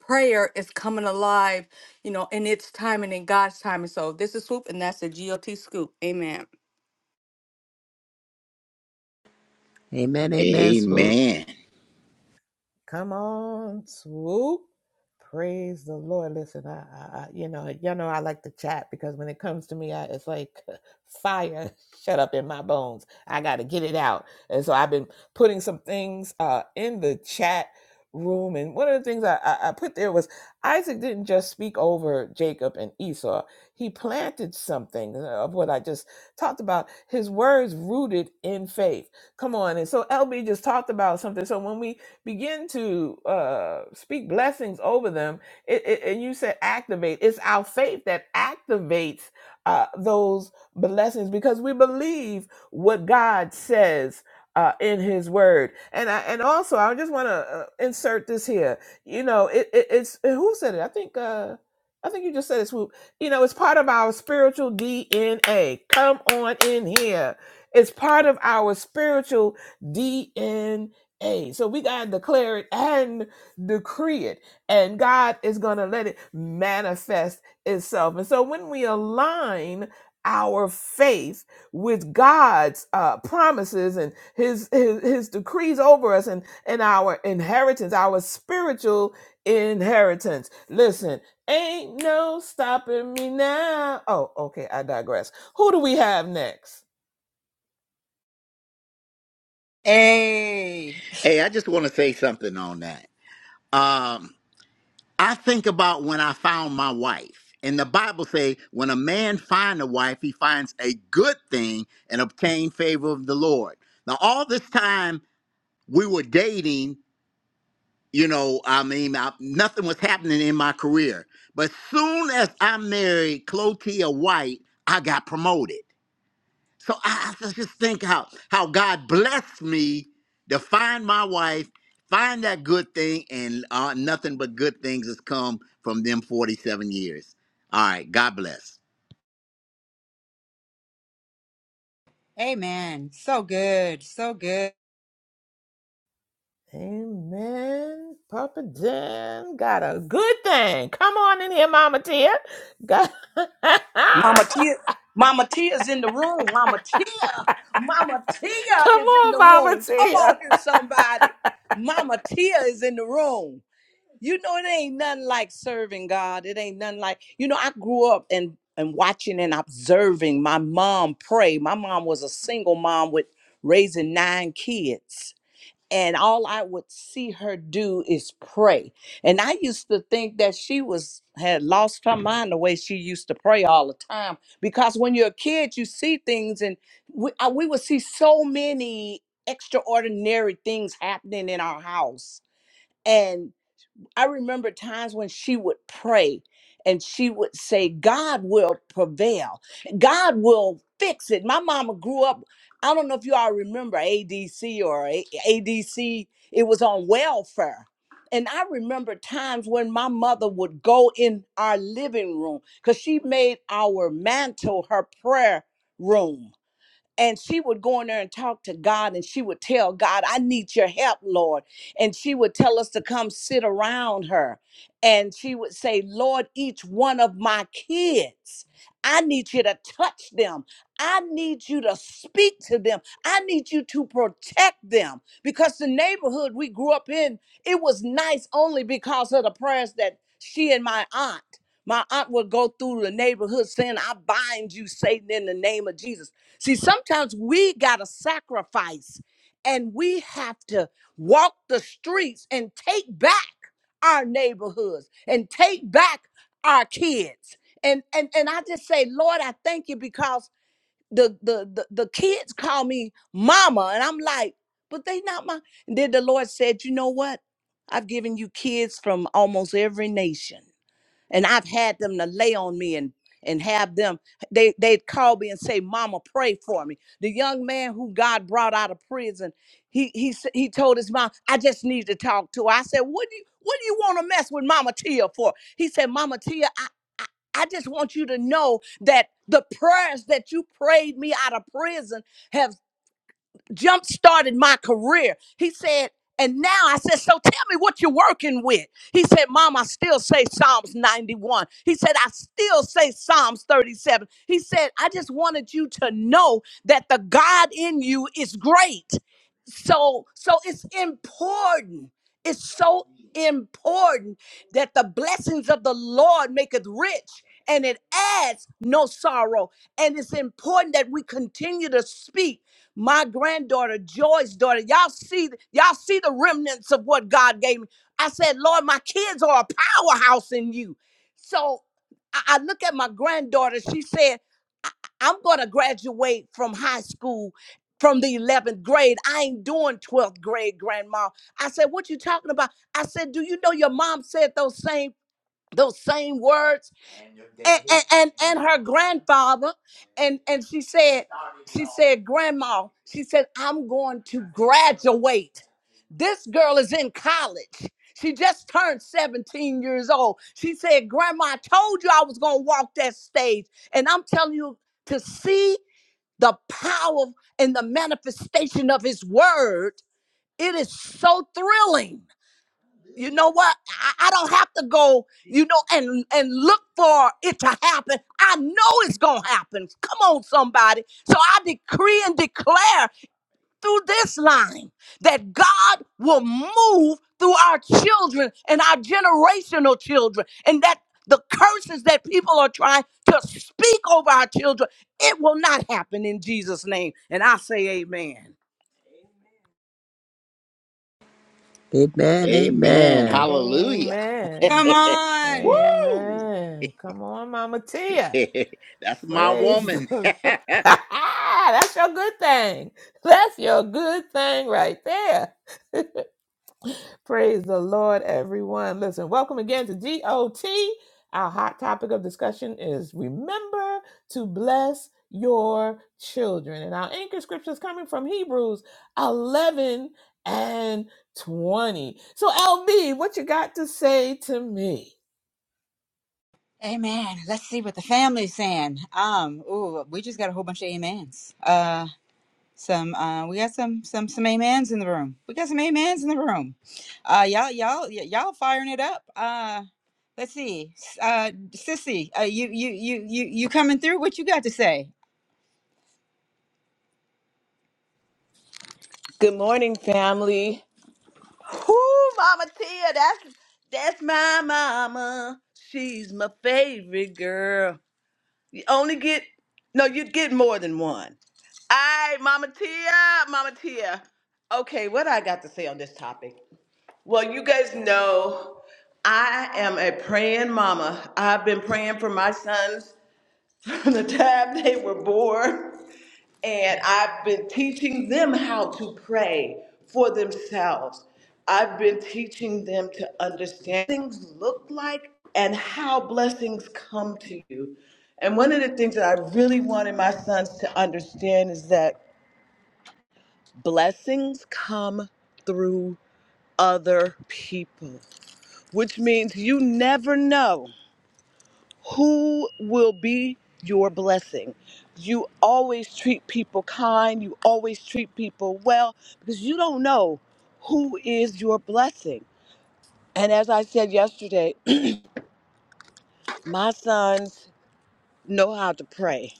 F: prayer is coming alive you know in its time and in god's time and so this is swoop and that's the got scoop amen
C: amen amen swoop
D: Amen.
A: Come on, swoop. Praise the Lord. Listen, I, I, I you know, y'all know I like to chat because when it comes to me, I, it's like fire shut up in my bones. I got to get it out. And so I've been putting some things uh, in the chat room. And one of the things I, I, I put there was Isaac didn't just speak over Jacob and Esau, he planted something uh, of what I just talked about. His words rooted in faith. Come on. And so LB just talked about something. So when we begin to uh, speak blessings over them. It, it, and you said activate. It's our faith that activates uh, those blessings because we believe what God says. Uh, in his word and I, and also i just want to uh, insert this here you know it, it it's who said it i think uh i think you just said it swoop you know it's part of our spiritual dna come on in here it's part of our spiritual dna Hey, so we got to declare it and decree it. And God is going to let it manifest itself. And so when we align our faith with God's uh, promises and his, his his decrees over us and and our inheritance, our spiritual inheritance. Listen, ain't no stopping me now. Oh, okay, I digress. Who do we have next?
B: hey
D: Hey, I just want to say something on that. Um, I think about when I found my wife. And the Bible say, when a man find a wife, he finds a good thing and obtain favor of the Lord. Now, all this time we were dating, you know, I mean, I, nothing was happening in my career. But soon as I married Clotia White, I got promoted. So I, I just think how how God blessed me to find my wife, find that good thing, and uh, nothing but good things has come from them 47 years. All right, God bless.
B: Amen. So good. So good.
A: Amen. Papa Dan got a good thing. Come on in here, Mama Tia. Got-
G: Mama Tia. Mama Tia's in the room. Mama Tia. Mama
A: Come
G: Tia is in
A: on,
G: the
A: Mama
G: room. Come on
A: Tia.
G: here, somebody. Mama Tia is in the room. You know, it ain't nothing like serving God. It ain't nothing like, you know, I grew up and and watching and observing my mom pray. My mom was a single mom with raising nine kids and all I would see her do is pray. And I used to think that she was had lost her mind the way she used to pray all the time. Because when you're a kid, you see things, and we, I, we would see so many extraordinary things happening in our house. and. I remember times when she would pray and she would say, God will prevail. God will fix it. My mama grew up, I don't know if you all remember ADC or A- ADC, it was on welfare. And I remember times when my mother would go in our living room because she made our mantle her prayer room and she would go in there and talk to God and she would tell God, I need your help, Lord. And she would tell us to come sit around her. And she would say, Lord, each one of my kids, I need you to touch them. I need you to speak to them. I need you to protect them. Because the neighborhood we grew up in, it was nice only because of the prayers that she and my aunt my aunt would go through the neighborhood saying, I bind you, Satan, in the name of Jesus. See, sometimes we got to sacrifice and we have to walk the streets and take back our neighborhoods and take back our kids. And and and I just say, Lord, I thank you because the the the, the kids call me mama and I'm like, but they not my and then the Lord said, "You know what? I've given you kids from almost every nation." and I've had them to lay on me and and have them they they'd call me and say mama pray for me the young man who god brought out of prison he he s- he told his mom i just need to talk to her i said what do you what do you want to mess with mama tia for he said mama tia i i I just want you to know that the prayers that you prayed me out of prison jump started my career. He said, and now I said, so tell me what you're working with. He said, Mom, I still say Psalms 91. He said, I still say Psalms 37. He said, I just wanted you to know that the God in you is great. So, so it's important. It's so important that the blessings of the Lord maketh rich and it adds no sorrow. And it's important that we continue to speak my granddaughter, Joy's daughter. Y'all see, y'all see the remnants of what God gave me. I said, Lord, my kids are a powerhouse in you. So I, I look at my granddaughter. She said, I, I'm gonna graduate from high school from the 11th grade. I ain't doing 12th grade, grandma. I said, what you talking about? I said, do you know your mom said those same those same words? and and and, and her grandfather and and she said she said grandma she said i'm going to graduate this girl is in college she just turned 17 years old she said grandma i told you i was going to walk that stage and i'm telling you to see the power and the manifestation of his word it is so thrilling you know what? I, I don't have to go, you know, and and look for it to happen. I know it's gonna happen. Come on, somebody. So I decree and declare through this line that God will move through our children and our generational children, and that the curses that people are trying to speak over our children, it will not happen in Jesus' name. And I say, Amen.
C: Amen.
D: Amen.
C: Amen.
D: Hallelujah.
A: Amen.
B: Come on.
D: Woo!
A: Amen. Come on, Mama Tia.
D: That's my
A: Praise the
D: woman.
A: Lord. That's your good thing. That's your good thing right there. Praise the Lord, everyone. Listen, welcome again to GOT. Our hot topic of discussion is remember to bless your children. And our anchor scripture is coming from Hebrews 11 and 20. So, LB, what you got to say to me?
B: Amen. Let's see what the family's saying. Um, ooh, we just got a whole bunch of amens. Uh some uh we got some some some amens in the room. We got some amens in the room. Uh y'all y'all y- y'all firing it up. Uh let's see. S- Uh Sissy, uh you you you you you coming through what you got to say?
H: Good morning, family. Whoo, Mama Tia, that's that's my mama. She's my favorite girl. You only get no, you get more than one. Aye, Mama Tia, Mama Tia. Okay, what I got to say on this topic? Well, you guys know I am a praying mama. I've been praying for my sons from the time they were born. And I've been teaching them how to pray for themselves. I've been teaching them to understand what things look like and how blessings come to you. And one of the things that I really wanted my sons to understand is that blessings come through other people, which means you never know who will be your blessing. You always treat people kind, you always treat people well because you don't know who is your blessing. And as I said yesterday, my sons know how to pray.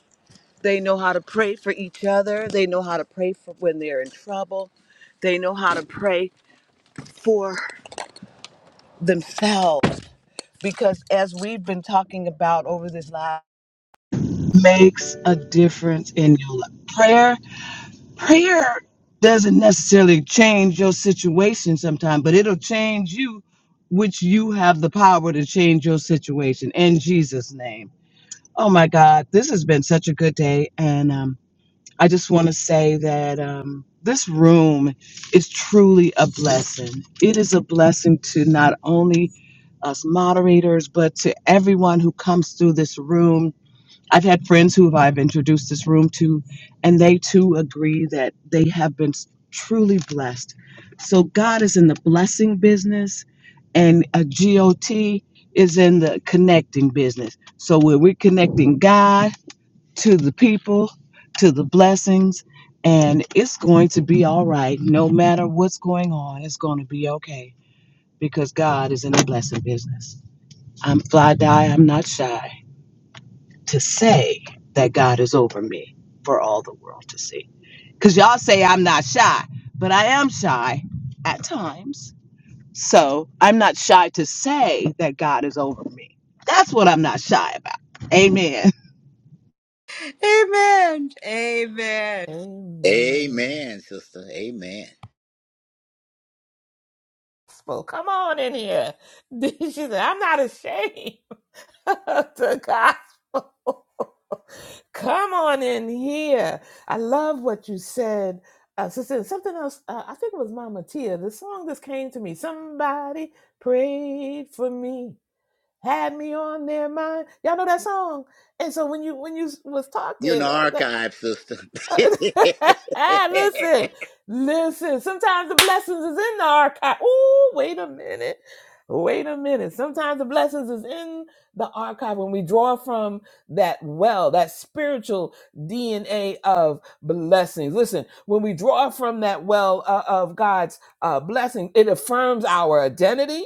H: They know how to pray for each other, they know how to pray for when they're in trouble, they know how to pray for themselves because as we've been talking about over this last makes a difference in your life. Prayer prayer doesn't necessarily change your situation sometimes, but it'll change you, which you have the power to change your situation in Jesus' name. Oh my God, this has been such a good day. And um, I just want to say that um, this room is truly a blessing. It is a blessing to not only us moderators, but to everyone who comes through this room I've had friends who I've introduced this room to, and they too agree that they have been truly blessed. So God is in the blessing business, and a GOT is in the connecting business. So when we're connecting God to the people, to the blessings, and it's going to be all right. No matter what's going on, it's going to be okay because God is in the blessing business. I'm fly die. I'm not shy to say that God is over me for all the world to see. Because y'all say I'm not shy, but I am shy at times. So I'm not shy to say that God is over me. That's what I'm not shy about. Amen.
B: Amen. Amen.
A: Amen.
D: Amen, sister. Amen.
A: Well, come on in here. She said, I'm not ashamed of the gospel. Come on in here. I love what you said, uh, sister. Something else. Uh, I think it was Mama Tia. The song that came to me. Somebody prayed for me, had me on their mind. Y'all know that song. And so when you when you was
D: You in the
A: talking, uh, that
D: archive, sister.
A: listen, listen. Sometimes the blessings is in the archive. Ooh, wait a minute. Wait a minute. Sometimes the blessings is in the archive when we draw from that well, that spiritual DNA of blessings. Listen, when we draw from that well uh, of God's uh, blessing, it affirms our identity.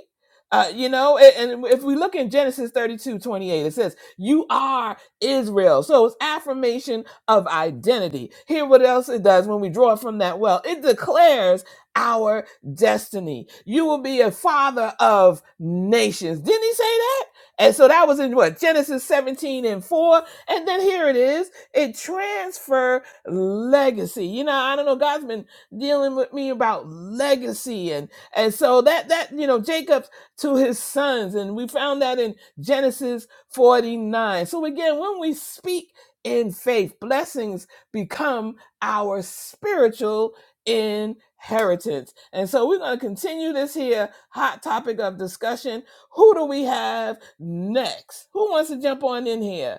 A: Uh, you know, a- and if we look in Genesis 32 28, it says, You are Israel. So it's affirmation of identity. Hear what else it does when we draw from that well. It declares our destiny. You will be a father of nations. Didn't he say that? And so that was in what Genesis 17 and 4. And then here it is. It transfer legacy. You know, I don't know, God's been dealing with me about legacy. And and so that that, you know, Jacob to his sons, and we found that in Genesis 49. So again, when we speak in faith. Blessings become our spiritual inheritance. And so we're going to continue this here hot topic of discussion. Who do we have next? Who wants to jump on in here?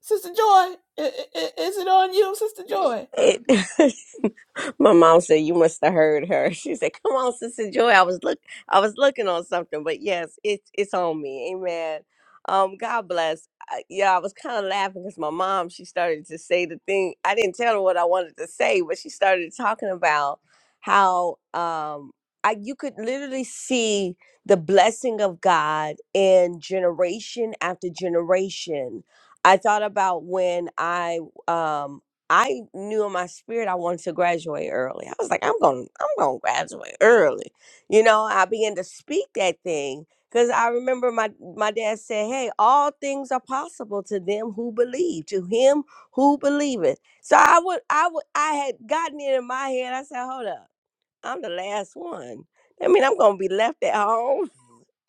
A: Sister Joy, is it on you, Sister Joy?
G: It, my mom said you must have heard her. She said, "Come on, Sister Joy. I was look, I was looking on something, but yes, it's it's on me. Amen. Um, God bless. I, yeah, I was kind of laughing because my mom she started to say the thing. I didn't tell her what I wanted to say, but she started talking about how um I you could literally see the blessing of God in generation after generation. I thought about when I um I knew in my spirit I wanted to graduate early. I was like, I'm going, I'm going to graduate early. You know, I began to speak that thing because I remember my my dad said, "Hey, all things are possible to them who believe, to him who believeth." So I would, I would, I had gotten it in my head. I said, "Hold up, I'm the last one. I mean, I'm going to be left at home."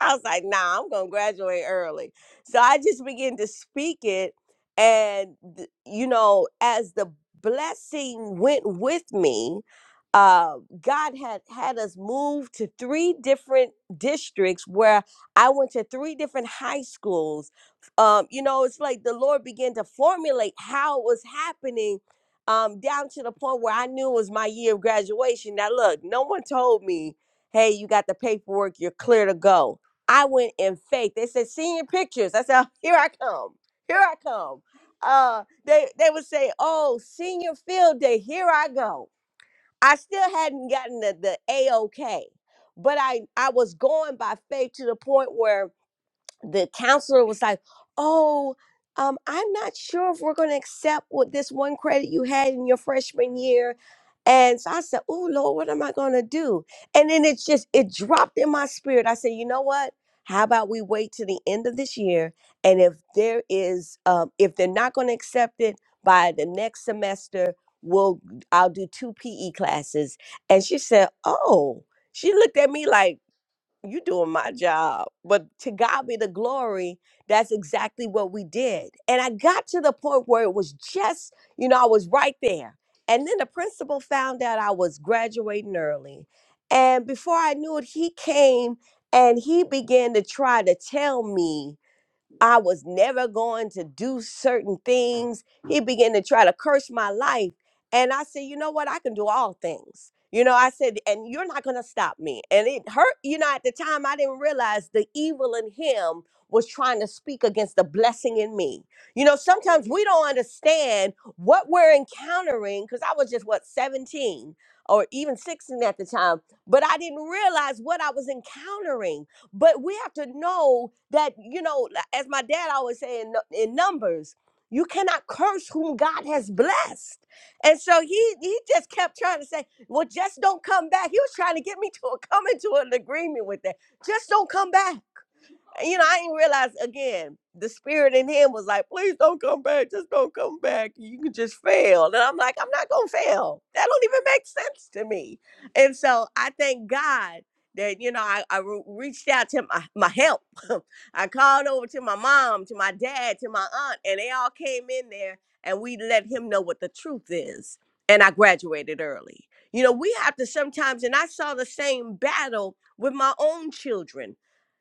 G: I was like, nah, I'm gonna graduate early. So I just began to speak it, and th- you know, as the blessing went with me, uh, God had had us move to three different districts where I went to three different high schools. Um, you know, it's like the Lord began to formulate how it was happening. Um, down to the point where I knew it was my year of graduation. Now, look, no one told me, hey, you got the paperwork, you're clear to go I went in faith. They said, "Senior pictures. I said, here I come. Here I come. Uh, they they would say, oh, senior field day. Here I go. I still hadn't gotten the, the AOK, but I, I was going by faith to the point where the counselor was like, "Oh, um, I'm not sure if we're going to accept what this one credit you had in your freshman year." And so I said, "Oh Lord, what am I going to do?" And then it's just it dropped in my spirit. I said, "You know what? How about we wait to the end of this year, and if there is, um, if they're not going to accept it by the next semester, we'll I'll do two PE classes." And she said, "Oh." She looked at me like you doing my job. But to God be the glory, that's exactly what we did. And I got to the point where it was just, you know, I was right there. And then the principal found out I was graduating early. And before I knew it, he came and he began to try to tell me I was never going to do certain things. He began to try to curse my life. And I said, you know what? I can do all things. You know, I said, and you're not going to stop me. And it hurt. You know, at the time, I didn't realize the evil in him was trying to speak against the blessing in me. You know, sometimes we don't understand what we're encountering because I was just, what, 17 or even 16 at the time, but I didn't realize what I was encountering but we have to know that, you know, as my dad always say in, in Numbers, you cannot curse whom God has blessed. And so he he just kept trying to say, well, just don't come back. He was trying to get me to a, come into an agreement with that. Just don't come back you know, I didn't realize again, the spirit in him was like, please don't come back, just don't come back. You can just fail. And I'm like, I'm not gonna fail. That don't even make sense to me. And so I thank God that, you know, I, I re- reached out to my, my help. I called over to my mom, to my dad, to my aunt, and they all came in there and we let him know what the truth is. And I graduated early. You know, we have to sometimes, and I saw the same battle with my own children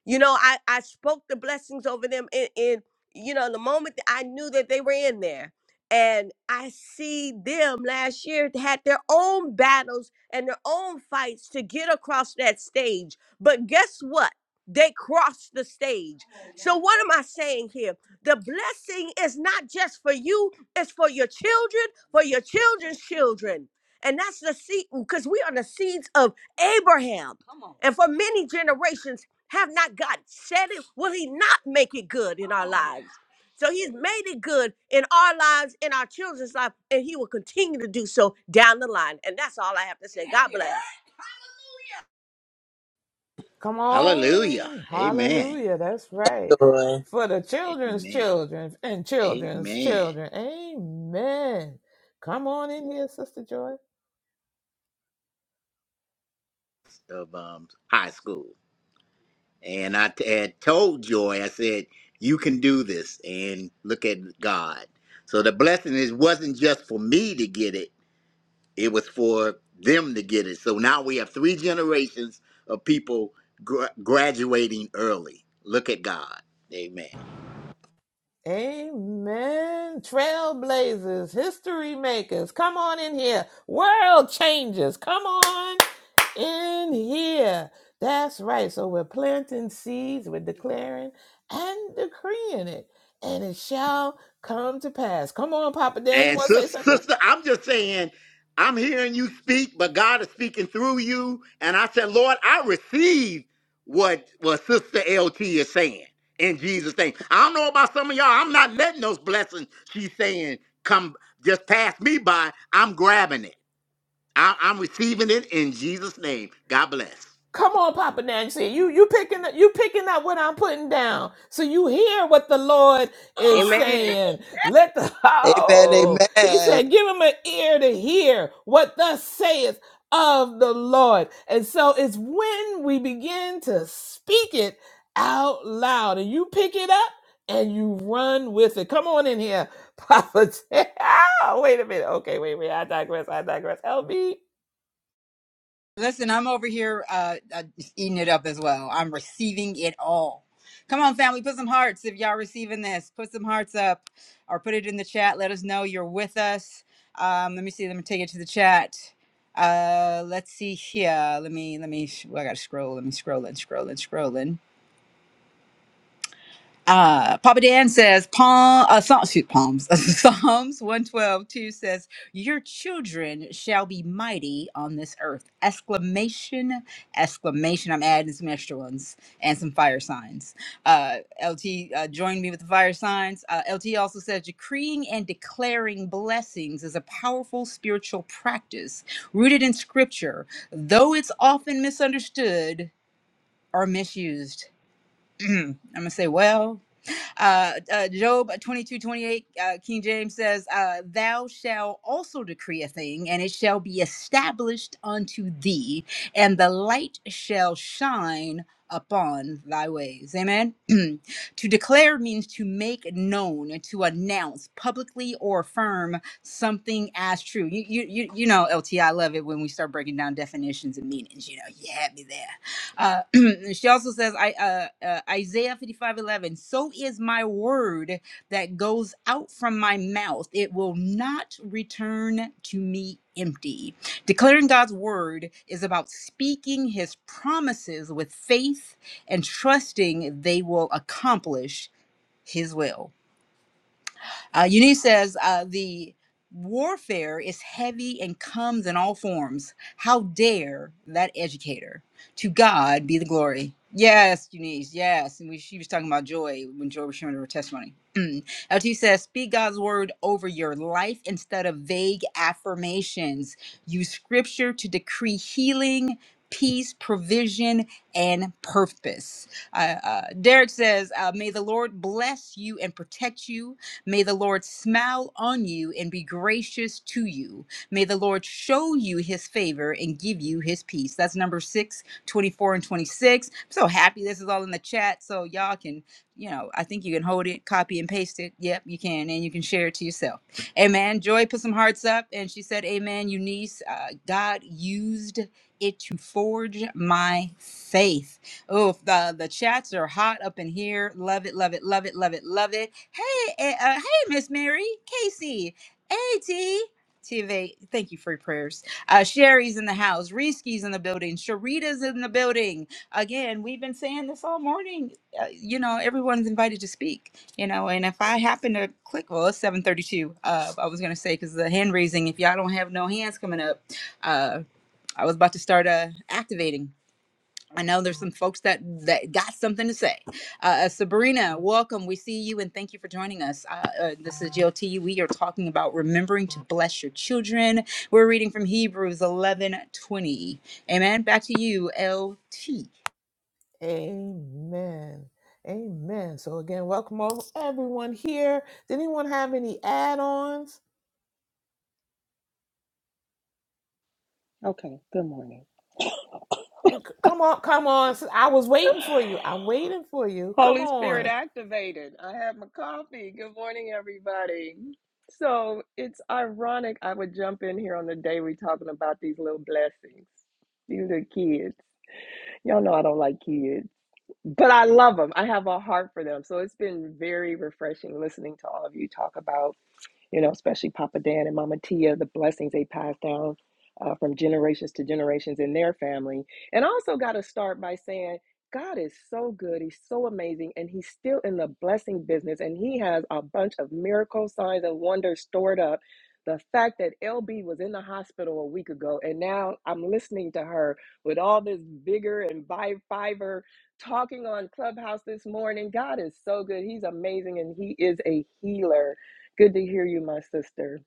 G: you know, I, I spoke the blessings over them in, in, you know, the moment that I knew that they were in there. And I see them last year had their own battles and their own fights to get across that stage. But guess what? They crossed the stage. So, what am I saying here? The blessing is not just for you, it's for your children, for your children's children. And that's the seed, because we are the seeds of Abraham. Come on. And for many generations. Have not God said it? Will He not make it good in our lives? So He's made it good in our lives, in our children's life, and He will continue to do so down the line. And that's all I have to say. God bless.
A: Come
D: Hallelujah.
A: on.
D: Amen.
A: Hallelujah. That's right.
C: Joy.
A: For the children's
D: Amen.
A: children and children's
D: Amen.
A: children. Amen. Come on in here, Sister Joy.
D: of um, high school, and I t- had told Joy, I said, "You can do this," and look at God. So the blessing is wasn't just for me to get it; it was for them to get it. So now we have three generations of people gra- graduating early. Look at God, Amen.
A: Amen. Trailblazers, history makers, come on in here. World changers, come on in here. That's right. So we're planting seeds, we're declaring and decreeing it and it shall come to pass. Come on, Papa Dan, you
D: And
A: want to say
D: sis-
A: something?
D: sister, I'm just saying, I'm hearing you speak, but God is speaking through you. And I said, Lord, I receive what what Sister LT is saying in Jesus' name. I don't know about some of y'all. I'm not letting those blessings she's saying come just pass me by. I'm grabbing it. I, I'm receiving it in Jesus' name. God bless.
A: Come on, Papa Nancy. You you picking up? you picking up what I'm putting down. So you hear what the Lord is
G: Amen.
A: saying. Let the
C: Amen.
A: oh he
C: Amen.
A: said, give him an ear to hear what thus saith of the Lord. And so it's when we begin to speak it out loud and you pick it up and you run with it. Come on in here, Papa. T- Ah, wait a minute. Okay, wait, wait. I digress. I digress. LB.
B: Listen, I'm over here uh, uh, eating it up as well. I'm receiving it all. Come on, family, put some hearts if y'all receiving this. Put some hearts up or put it in the chat. Let us know you're with us. Um, let me see. Let me take it to the chat. Uh, let's see here. Let me, let me, well, I got to scroll. Let me scroll and scroll and scroll uh, Papa Dan says, Palm, uh, Psalm, shoot, Palms, Psalms one twelve 2 says, Your children shall be mighty on this earth. Exclamation, exclamation. I'm adding some extra ones and some fire signs. Uh, LT uh, joined me with the fire signs. Uh, LT also says, Decreeing and declaring blessings is a powerful spiritual practice rooted in scripture, though it's often misunderstood or misused. I'm going to say, Well, uh, uh, Job 22 28 uh, King James says, uh, Thou shalt also decree a thing, and it shall be established unto thee, and the light shall shine upon thy ways. Amen. to declare means to make known, to announce publicly or affirm something as true. You, you, you, you know, LT, I love it when we start breaking down definitions and meanings. You know, you had me there. Uh, she also says, I, uh, uh, Isaiah 55:11. so is my word that goes out from my mouth. It will not return to me empty. Declaring God's word is about speaking his promises with faith and trusting they will accomplish his will. Uh, Eunice says uh, the warfare is heavy and comes in all forms. How dare that educator? To God be the glory. Yes, Eunice, yes. And we, she was talking about Joy when Joy was sharing her testimony. Mm. LT says, speak God's word over your life instead of vague affirmations. Use scripture to decree healing, peace, provision, and purpose. Uh, uh, Derek says, uh, may the Lord bless you and protect you. May the Lord smile on you and be gracious to you. May the Lord show you his favor and give you his peace. That's number six, twenty-four and 26. I'm so happy this is all in the chat. So y'all can, you know, I think you can hold it, copy and paste it. Yep, you can. And you can share it to yourself. Amen. Joy put some hearts up and she said, Amen, Eunice. Uh, God used it to forge my faith. Oh, the the chats are hot up in here. Love it, love it, love it, love it, love it. Hey, eh, uh, hey, Miss Mary, Casey, AT, TV. Thank you for your prayers. Uh, Sherry's in the house. Risky's in the building. Sharita's in the building. Again, we've been saying this all morning. Uh, you know, everyone's invited to speak. You know, and if I happen to click, well, it's seven thirty-two. Uh, I was gonna say because the hand raising. If y'all don't have no hands coming up, uh, I was about to start uh activating. I know there's some folks that that got something to say. Uh, uh, Sabrina, welcome. We see you and thank you for joining us. Uh, uh, this is GLT. We are talking about remembering to bless your children. We're reading from Hebrews 11:20. Amen. Back to you, LT.
A: Amen. Amen. So again, welcome all everyone here. Did anyone have any add-ons?
I: Okay, good morning.
A: C- come on, come on. sis- I was waiting for you. I'm waiting for you. Come
I: Holy Spirit
A: on.
I: activated. I have my coffee. Good morning, everybody. So it's ironic I would jump in here on the day we're talking about these little blessings. These are kids. Y'all know I don't like kids, but I love them. I have a heart for them. So it's been very refreshing listening to all of you talk about. you know, especially Papa Dan and Mama Tia, the blessings they passed down uh, from generations to generations in their family. And I also got to start by saying, God is so good. He's so amazing. And he's still in the blessing business. And he has a bunch of miracle signs and wonders stored up. The fact that LB was in the hospital a week ago, and now I'm listening to her with all this vigor and vi- fiber talking on Clubhouse this morning. God is so good. He's amazing, and he is a healer Good to hear you, my sister.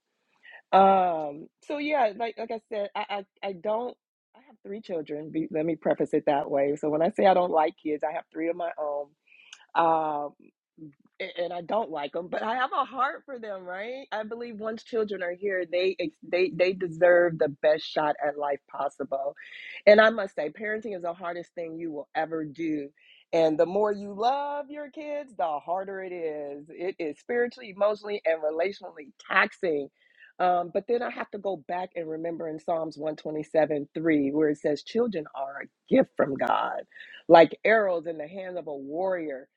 I: Um, so yeah, like like I said, I I, I don't. I have three children. Be, let me preface it that way. So when I say I don't like kids, I have three of my own. Um, a- and I don't like them, but I have a heart for them, right? I believe once children are here, they ex- they they deserve the best shot at life possible. And I must say, parenting is the hardest thing you will ever do. And the more you love your kids, the harder it is. It is spiritually, emotionally, and relationally taxing. Um, but then I have to go back and remember in Psalms 127 3, where it says, Children are a gift from God, like arrows in the hand of a warrior.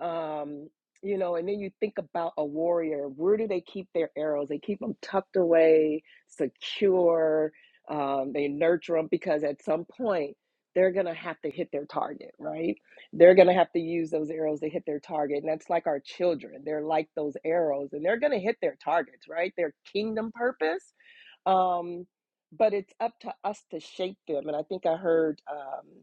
I: Um, you know and then you think about a warrior where do they keep their arrows they keep them tucked away secure um, they nurture them because at some point they're going to have to hit their target right they're going to have to use those arrows to hit their target and that's like our children they're like those arrows and they're going to hit their targets right their kingdom purpose um, but it's up to us to shape them and i think i heard um,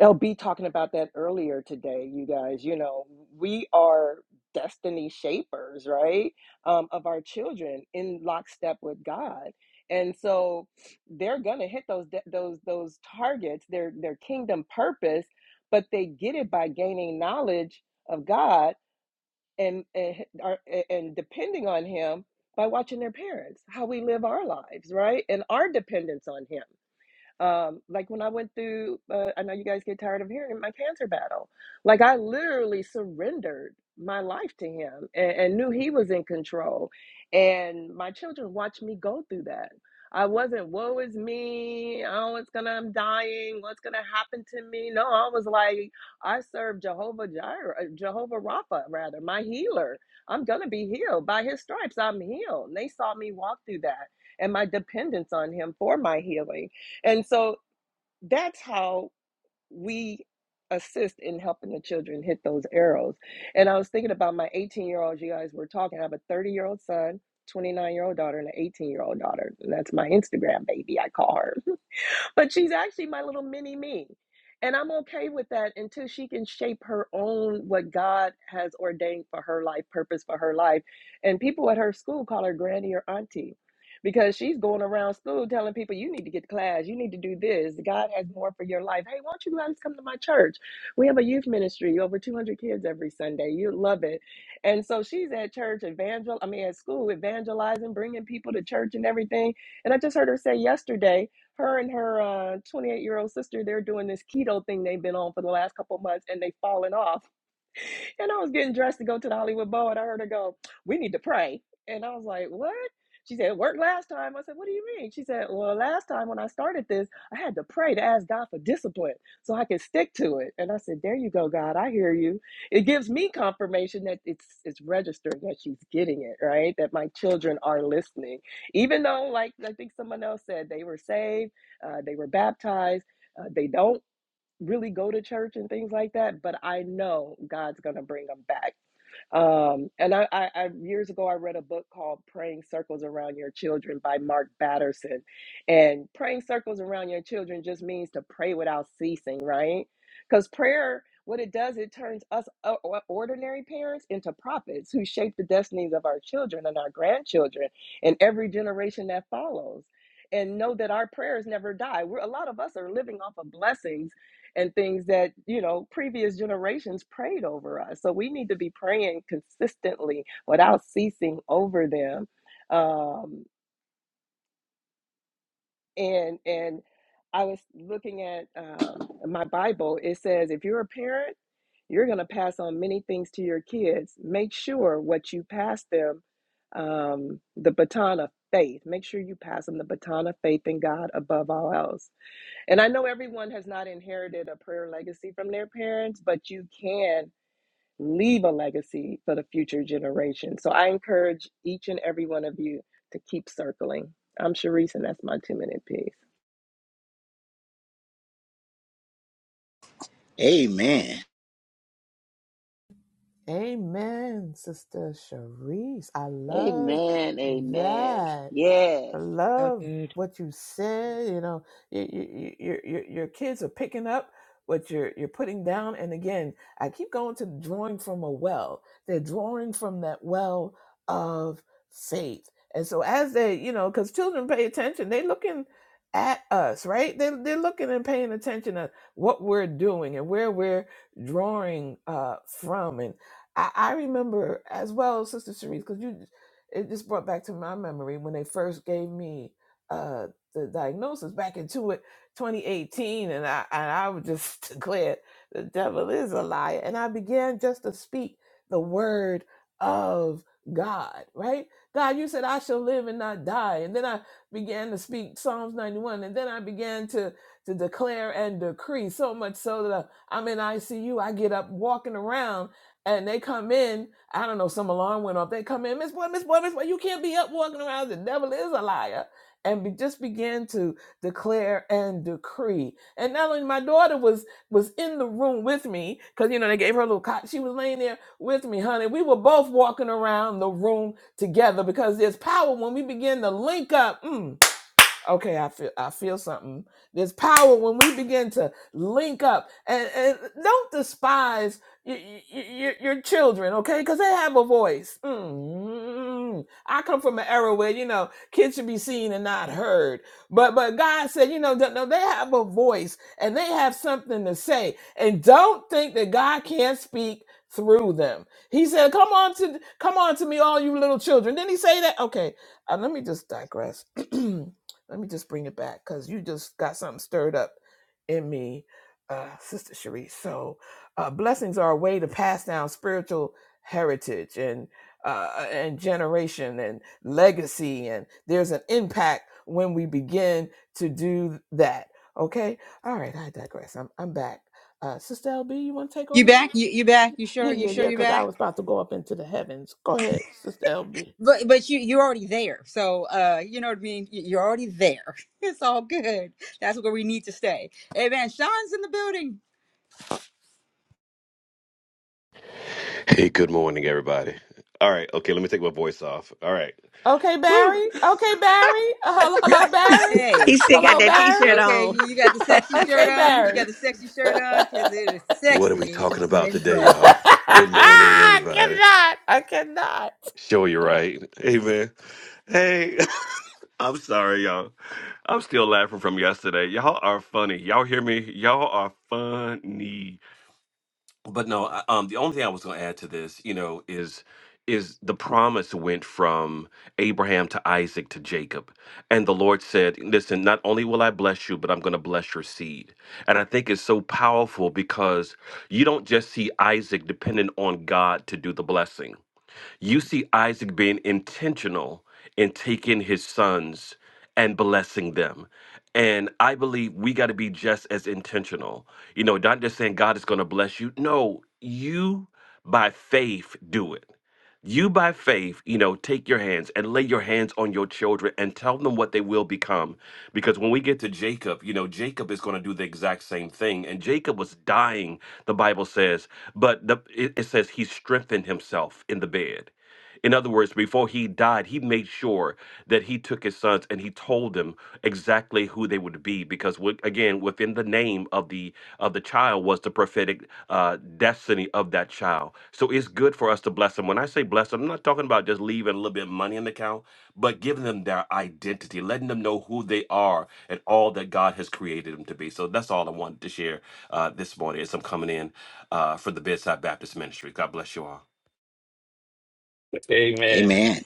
I: LB talking about that earlier today, you guys. You know, we are destiny shapers, right? Um, of our children in lockstep with God. And so they're gonna hit those de- those those targets, their their kingdom purpose, but they get it by gaining knowledge of God and and, are- and depending on Him by watching their parents, how we live our lives, right, and our dependence on Him um, like when I went through, uh, I know you guys get tired of hearing it, my cancer battle. Like I literally surrendered my life to him and, and knew he was in control. And my children watched me go through that. I wasn't, woe is me. Oh, it's gonna, I'm dying. What's gonna happen to me? No, I was like, I serve Jehovah Jireh, uh, Jehovah Rapha, rather, my healer. I'm gonna be healed by his stripes. I'm healed. And they saw me walk through that and my dependence on him for my healing and so that's how we assist in helping the children hit those arrows. And I was thinking about my 18 year old, you guys were talking. I have a 30 year old son, 29 year old daughter, and an 18 year old daughter. And that's my Instagram baby, I call her. but she's actually my little mini me. And I'm okay with that until she can shape her own what God has ordained for her life, purpose for her life. And people at her school call her granny or auntie because she's going around school telling people, you need to get to class, you need to do this. God has more for your life. Hey, why don't you guys come to my church? We have a youth ministry, over 200 kids every Sunday. You love it. And so she's at church, evangel, I mean, at school, evangelizing, bringing people to church and everything. And I just heard her say yesterday, her and her uh, 28 year old sister, they're doing this keto thing they've been on for the last couple of months and they've fallen off and I was getting dressed to go to the Hollywood Bowl, and I heard her go, "We need to pray." And I was like, "What?" She said, "It worked last time." I said, "What do you mean?" She said, "Well, last time when I started this, I had to pray to ask God for discipline so I could stick to it." And I said, "There you go, God. I hear you." It gives me confirmation that it's it's registered that she's getting it right, that my children are listening, even though, like I think someone else said, they were saved, uh, they were baptized. Uh, they don't really go to church and things like that, but I know God's gonna bring them back. Um, and I, I, I years ago I read a book called "Praying Circles Around Your Children" by Mark Batterson, and praying circles around your children just means to pray without ceasing, right? Because prayer, what it does, it turns us o- ordinary parents into prophets who shape the destinies of our children and our grandchildren and every generation that follows. And know that our prayers never die. We're a lot of us are living off of blessings and things that you know previous generations prayed over us so we need to be praying consistently without ceasing over them um, and and i was looking at um, my bible it says if you're a parent you're going to pass on many things to your kids make sure what you pass them um, the baton of faith make sure you pass them the baton of faith in god above all else and I know everyone has not inherited a prayer legacy from their parents, but you can leave a legacy for the future generation. So I encourage each and every one of you to keep circling. I'm Sharice, and that's my two minute piece.
D: Amen.
A: Amen, Sister Sharice. I love
C: Amen. Amen.
A: that.
C: Yes.
A: I
B: So
A: love
B: good.
A: what you said. You know, your your your, your kids are picking up what you're you're putting down. And again, I keep going to drawing from a well. They're drawing from that well of faith. And so as they, you know, because children pay attention, they looking at us, right? They they're looking and paying attention at what we're doing and where we're drawing uh, from. And I, I remember as well, Sister Cherise, because you it just brought back to my memory when they first gave me uh, the diagnosis back in two, 2018, and I and I would just declare the devil is a liar, and I began just to speak the word of God, right? God, you said I shall live and not die, and then I began to speak Psalms 91, and then I began to to declare and decree so much so that I, I'm in ICU, I get up walking around and they come in. I don't know, some alarm went off. They come in, Miss Boy, Miss Boy, Miss Boy, you can't be up walking around. The devil is a liar. And be, just began to declare and decree. And not only my daughter was was in the room with me, because you know they gave her a little cot. She was laying there with me, honey. We were both walking around the room together because there's power when we begin to link up. Mm okay i feel i feel something there's power when we begin to link up and, and don't despise y- y- y- y- your children okay because they have a voice mm i come from an era where you know kids should be seen and not heard but but god said you know th- no, they have a voice and they have something to say and don't think that god can't speak through them he said come on to come on to me all you little children didn't he say that okay uh, let me just digress Let me just bring it back because you just got something stirred up in me, uh, Sister Cherie. So, uh, blessings are a way to pass down spiritual heritage and uh, and generation and legacy, and there's an impact when we begin to do that. Okay, all right. I digress. I'm I'm back. Uh, Sister LB, you want to take
B: You
A: over now?
B: back? You you back? You
A: Yeah,
B: sure? You
A: yeah,
B: sure
A: yeah.
B: you
A: Because I
B: back?
A: was about to go up into the heavens. Go ahead, Sister LB.
B: But but you you're already there. So uh, you know what I mean. You- You're already there. It's all good. That's where we need to stay. Amen. Sean's in the building.
J: Hey, good morning, everybody. All right, okay, let me take my voice off. All right.
A: Okay,
J: Woo!
A: Barry. Okay, Barry. Uh, hello, hello, Barry.
B: Hey.
G: He still got
A: Hello,
G: that
A: Barry.
G: t-shirt
B: Okay, you
G: on.
B: you got the sexy shirt
A: okay,
B: on. You got
A: Barry.
B: the sexy shirt on because
A: I
B: it is
J: What are we
B: sexy
J: talking
B: when
J: about
B: men
J: today,
B: pray.
J: y'all? Good morning, everybody.
A: cannot. I cannot.
J: Sure, you're right. Hey, man. Hey, I'm sorry, y'all. I'm still laughing from yesterday. Y'all are funny. Y'all hear me? Y'all are funny. but no I- um the only thing i was going to add to this you know is is the promise went from abraham to isaac to jacob and the lord said listen not only will i bless you but i'm going to bless your seed and i think it's so powerful because you don't just see isaac dependent on god to do the blessing you see Isaac being intentional in taking his sons and blessing them. And I believe we got to be just as intentional. You know, not just saying God is going to bless you. No, you by faith do it. You by faith, you know, take your hands and lay your hands on your children and tell them what they will become because when we get to Jacob, you know, Jacob is going to do the exact same thing. And Jacob was dying, the Bible says, but the, it, it says he strengthened himself in the bed. In other words, before he died, he made sure that he took his sons and he told them exactly who they would be. Because, what, again within the name of the of the child was the prophetic uh, destiny of that child. So it's good for us to bless them. When I say bless them, I'm not talking about just leaving a little bit of money in the account, but giving them their identity, letting them know who they are and all that God has created them to be. So that's all I wanted to share uh, this morning as I'm coming in uh, for the Bedside Baptist Ministry. God bless you all.
E: have. Amen.
D: Amen.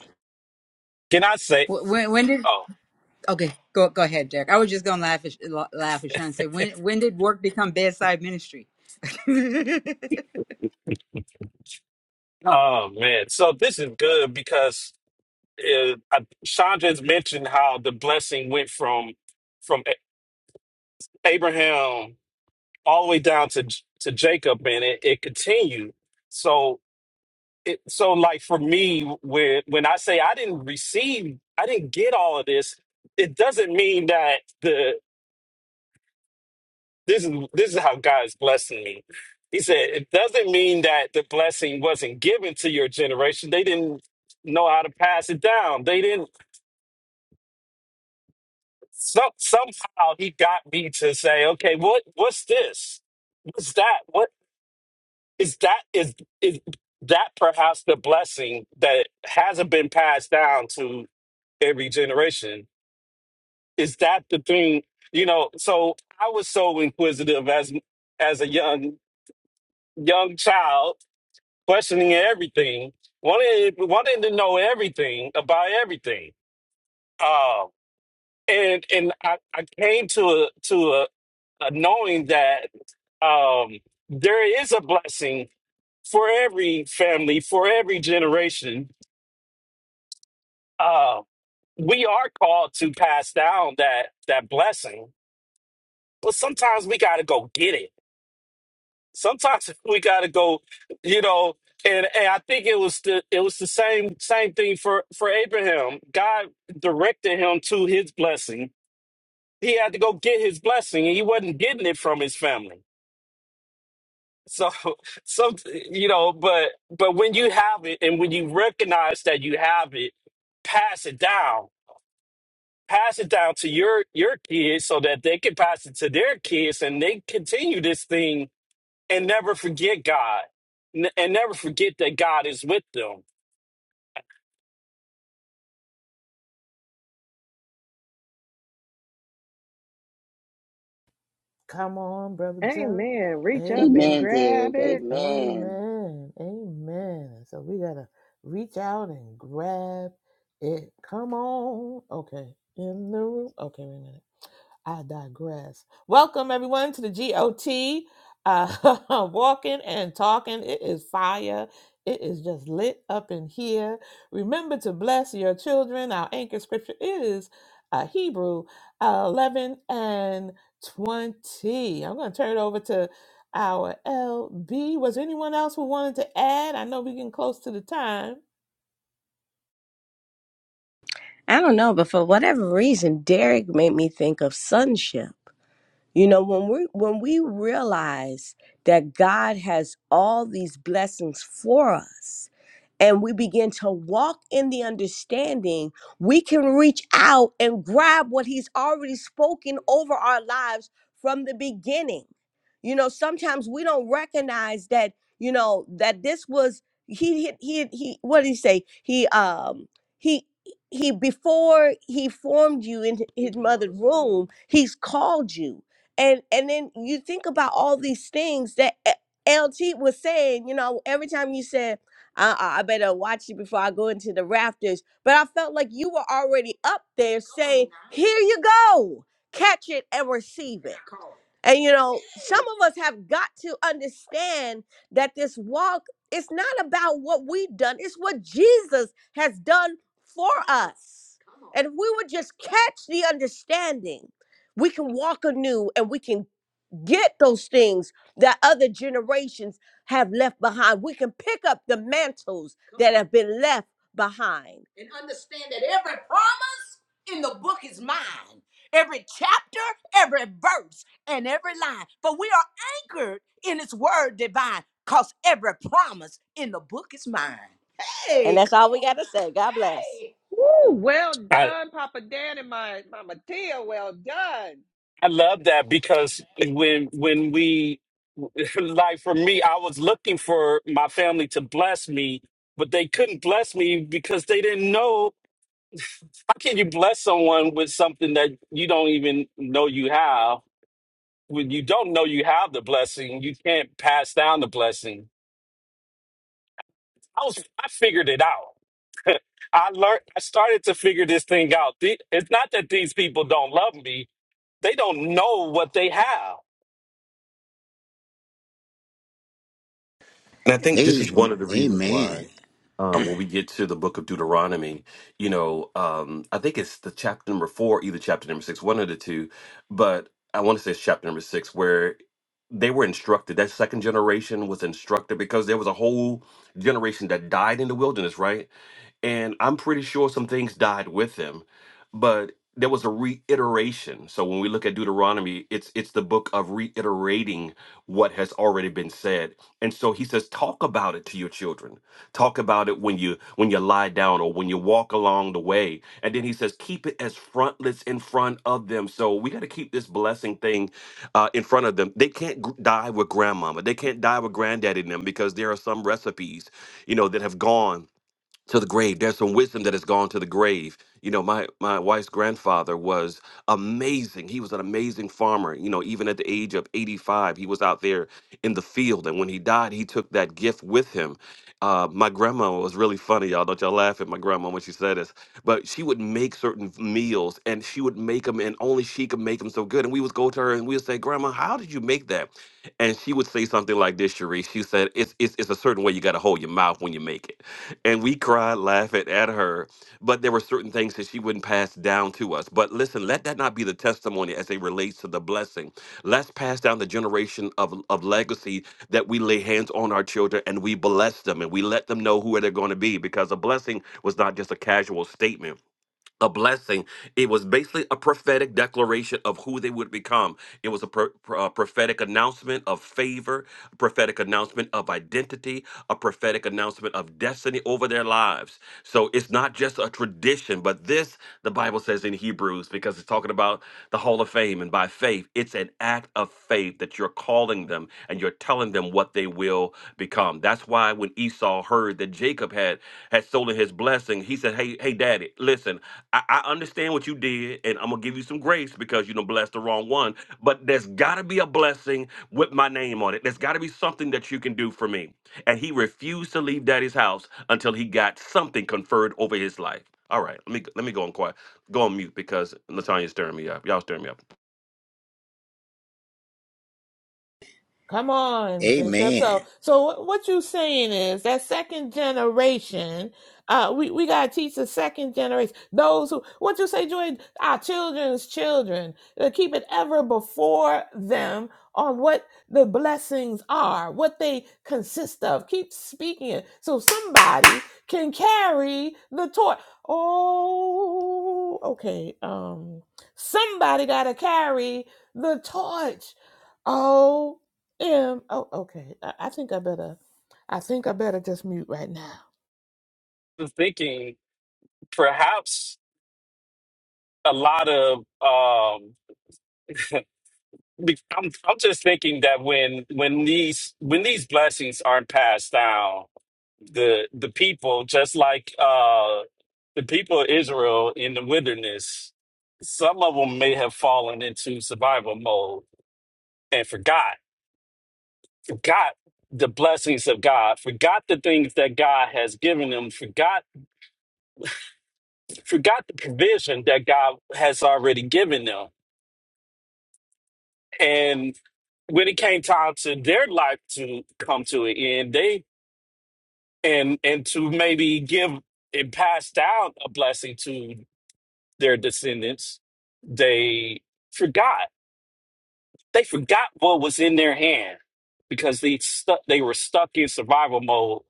E: Can I say
B: Wh- When when did
E: oh
B: okay go go ahead, Derek. I was just gonna laugh at la- laugh at Sean and say when when did work become bedside ministry?
E: oh man. So this is good because uh, I- Chandra's mentioned how the blessing went from from A- Abraham all the way down to J- to Jacob, and it, it continued. So, it, so like for me, when when I say I didn't receive, I didn't get all of this, it doesn't mean that the this is this is how God is blessing me. He said it doesn't mean that the blessing wasn't given to your generation. They didn't know how to pass it down. They didn't So, somehow he got me to say, okay, what what's this? What's that? What is that? Is is that perhaps the blessing that hasn't been passed down to every generation? Is that the thing? You know, so I was so inquisitive as as a young young child, questioning everything, wanted wanting to know everything about everything. Um, and and I, I came to a to a uh, knowing that um, there is a blessing for every family, for every generation. Uh, we are called to pass down that that blessing, but sometimes we got to go get it. Sometimes we got to go, you know. And, and I think it was the it was the same same thing for for Abraham. God directed him to his blessing. He had to go get his blessing, and he wasn't getting it from his family So, some you know, but but when you have it, and when you recognize that you have it, pass it down. Pass it down to your your kids so that they can pass it to their kids, and they continue this thing and never forget God, N- and never forget that God is with them.
A: Come on, brother Derek.
I: Amen. Reach up and
A: Amen.
C: Amen,
I: grab
C: Derek.
I: it.
C: Amen.
A: Amen. Amen. So we gotta reach out and grab it. Come on. Okay. In the room. Okay, wait a minute. I digress. Welcome everyone to the GOT. Uh, walking and talking. It is fire. It is just lit up in here. Remember to bless your children. Our anchor scripture is uh, Hebrew uh, 11 and 20. I'm going to turn it over to our LB. Was there anyone else who wanted to add? I know we're getting close to the time.
G: I don't know, but for whatever reason, Derek made me think of sonship. You know, when we when we realize that God has all these blessings for us, and we begin to walk in the understanding, we can reach out and grab what He's already spoken over our lives from the beginning. You know, sometimes we don't recognize that, you know, that this was he he he, he what did he say? He um he he before he formed you in his mother's womb, he's called you. And and then you think about all these things that eh, LT was saying, you know, every time you said I, I I better watch it before I go into the rafters. But I felt like you were already up there saying, Here you go, catch it and receive it. And you know, some of us have got to understand that this walk is not about what we've done, it's what Jesus has done for us. And if we would just catch the understanding, we can walk anew and we can get those things that other generations have left behind. We can pick up the mantles Come that on. have been left behind. And understand that every promise in the book is mine. Every chapter, every verse, and every line. For we are anchored in its word divine, because every promise in the book is mine. Hey, and Hey, that's all come we got to on. say. God bless. Hey.
I: Woo, well
E: I
I: done, Papa Dan and my Mama Tia. Well done.
E: I love that because when when we like for me, I was looking for my family to bless me, but they couldn't bless me because they didn't know How can you bless someone with something that you don't even know you have? When you don't know you have the blessing, you can't pass down the blessing. I was I figured it out. I learned I started to figure this thing out. The- It's not that these people don't love me. They don't know what they have.
J: And I think this is one
D: Am-
J: of the reasons
A: Okay.
J: why,
D: Amen.
J: um, when we get to the book of Deuteronomy, you know, um, I think it's the chapter number four, either chapter number six, one of the two, but I want to say it's chapter number six, where they were instructed. That second generation was instructed because there was a whole generation that died in the wilderness, right? and I'm pretty sure some things died with him, but there was a reiteration. So when we look at Deuteronomy, it's it's the book of reiterating what has already been said. And so he says, talk about it to your children. Talk about it when you when you lie down or when you walk along the way. And then he says, keep it as frontlets in front of them. So we got to keep this blessing thing uh, in front of them. They can't gr- die with grandmama. They can't die with granddaddy and them because there are some recipes, you know, that have gone to the grave. There's some wisdom that has gone to the grave. You know, my my wife's grandfather was amazing. He was an amazing farmer. You know, even at the age of 85, he was out there in the field. And when he died, he took that gift with him. Uh, my grandma was really funny, y'all. Don't y'all laugh at my grandma when she said this. But she would make certain meals, and she would make them, and only she could make them so good. And we would go to her, and we would say, "Grandma, how did you make that?" And she would say say something like this, Sharice. She said, it's, it's, it's a certain way you got to hold your mouth when you make it. And we cried laughing at her, but there were certain things that she wouldn't pass down to us. But listen, let that not be the testimony as it relates to the blessing. Let's pass down the generation of, of legacy that we lay hands on our children and we bless them and we let them know who they're going to be because a blessing was not just a casual statement a blessing. It was basically a prophetic declaration of who they would become. It was a pro- pro- uh, prophetic announcement of favor, a prophetic announcement of identity, a prophetic announcement of destiny over their lives. So it's not just a tradition, but this, the Bible says in Hebrews, because it's talking about the Hall of Fame and by faith. It's an act of faith that you're calling them and you're telling them what they will become. That's why when Esau heard that Jacob had had stolen his blessing, he said, "Hey, hey, Daddy, listen. I, I understand what you did, and I'm gonna give you some grace because you know blessed the wrong one. But there's got to be a blessing with my name on it. There's got to be something that you can do for me." And he refused to leave Daddy's house until he got something conferred over his life. All right, let me let me go on quiet. Go on mute because Latanya's stirring me up. Y'all stirring me up.
A: Come on, Bishop.
D: Amen.
A: So, so what what you saying is that second generation, uh, we, we gotta teach the second generation, those who, what you say, Joy, our children's children, to keep it ever before them on what the blessings are, what they consist of. Keep speaking it so somebody can carry the torch. Oh, okay. Um, somebody gotta carry the torch. Oh, um. Oh. Okay. I, I think I better. I think I better just mute right now.
E: I'm thinking perhaps a lot of um be- I'm, I'm just thinking that when when these when these blessings aren't passed down, the the people just like uh the people of Israel in the wilderness, some of them may have fallen into survival mode and forgot forgot the blessings of God, forgot the things that God has given them, forgot forgot the provision that God has already given them, and when it came time to their life to come to an end, they and and to maybe give and pass down a blessing to their descendants they forgot they forgot what was in their hand because they stuck they were stuck in survival mode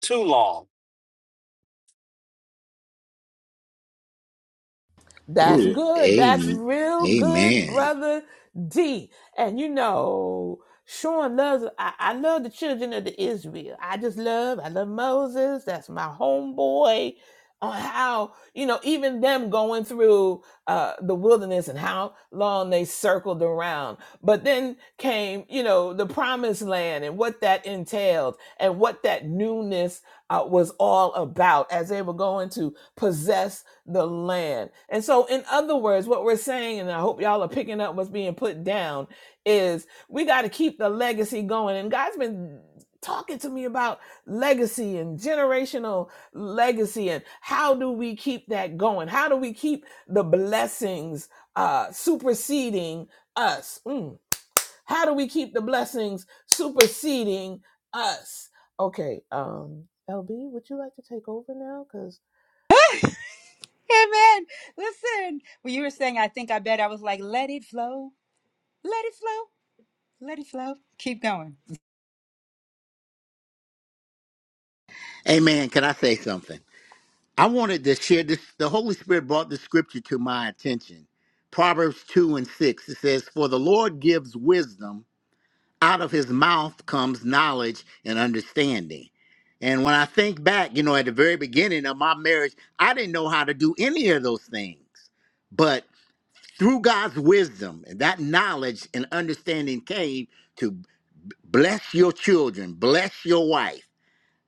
E: too long
A: That's
D: Ooh,
A: good. That's
D: amen.
A: real good,
D: Amen.
A: brother D. And you know, Sean loves. I, I love the children of the Israel. I just love. I love Moses. That's my homeboy. On how you know even them going through uh, the wilderness and how long they circled around, but then came you know the promised land and what that entailed and what that newness uh, was all about as they were going to possess the land. And so, in other words, what we're saying, and I hope y'all are picking up what's being put down, is we got to keep the legacy going. And God's been talking to me about legacy and generational legacy and how do we keep that going? How do we keep the blessings uh, superseding us? Mm how do we keep the blessings superseding us? Okay, um, LB, would you like to take over now? Because
B: Amen. Listen, when you were saying I think I bet I was like let it flow, let it flow, let it flow. Keep going.
D: Amen. Can I say something? I wanted to share this. The Holy Spirit brought this scripture to my attention. Proverbs 2 and 6. It says, For the Lord gives wisdom, out of his mouth comes knowledge and understanding. And when I think back, you know, at the very beginning of my marriage, I didn't know how to do any of those things. But through God's wisdom and that knowledge and understanding came to bless your children, bless your wife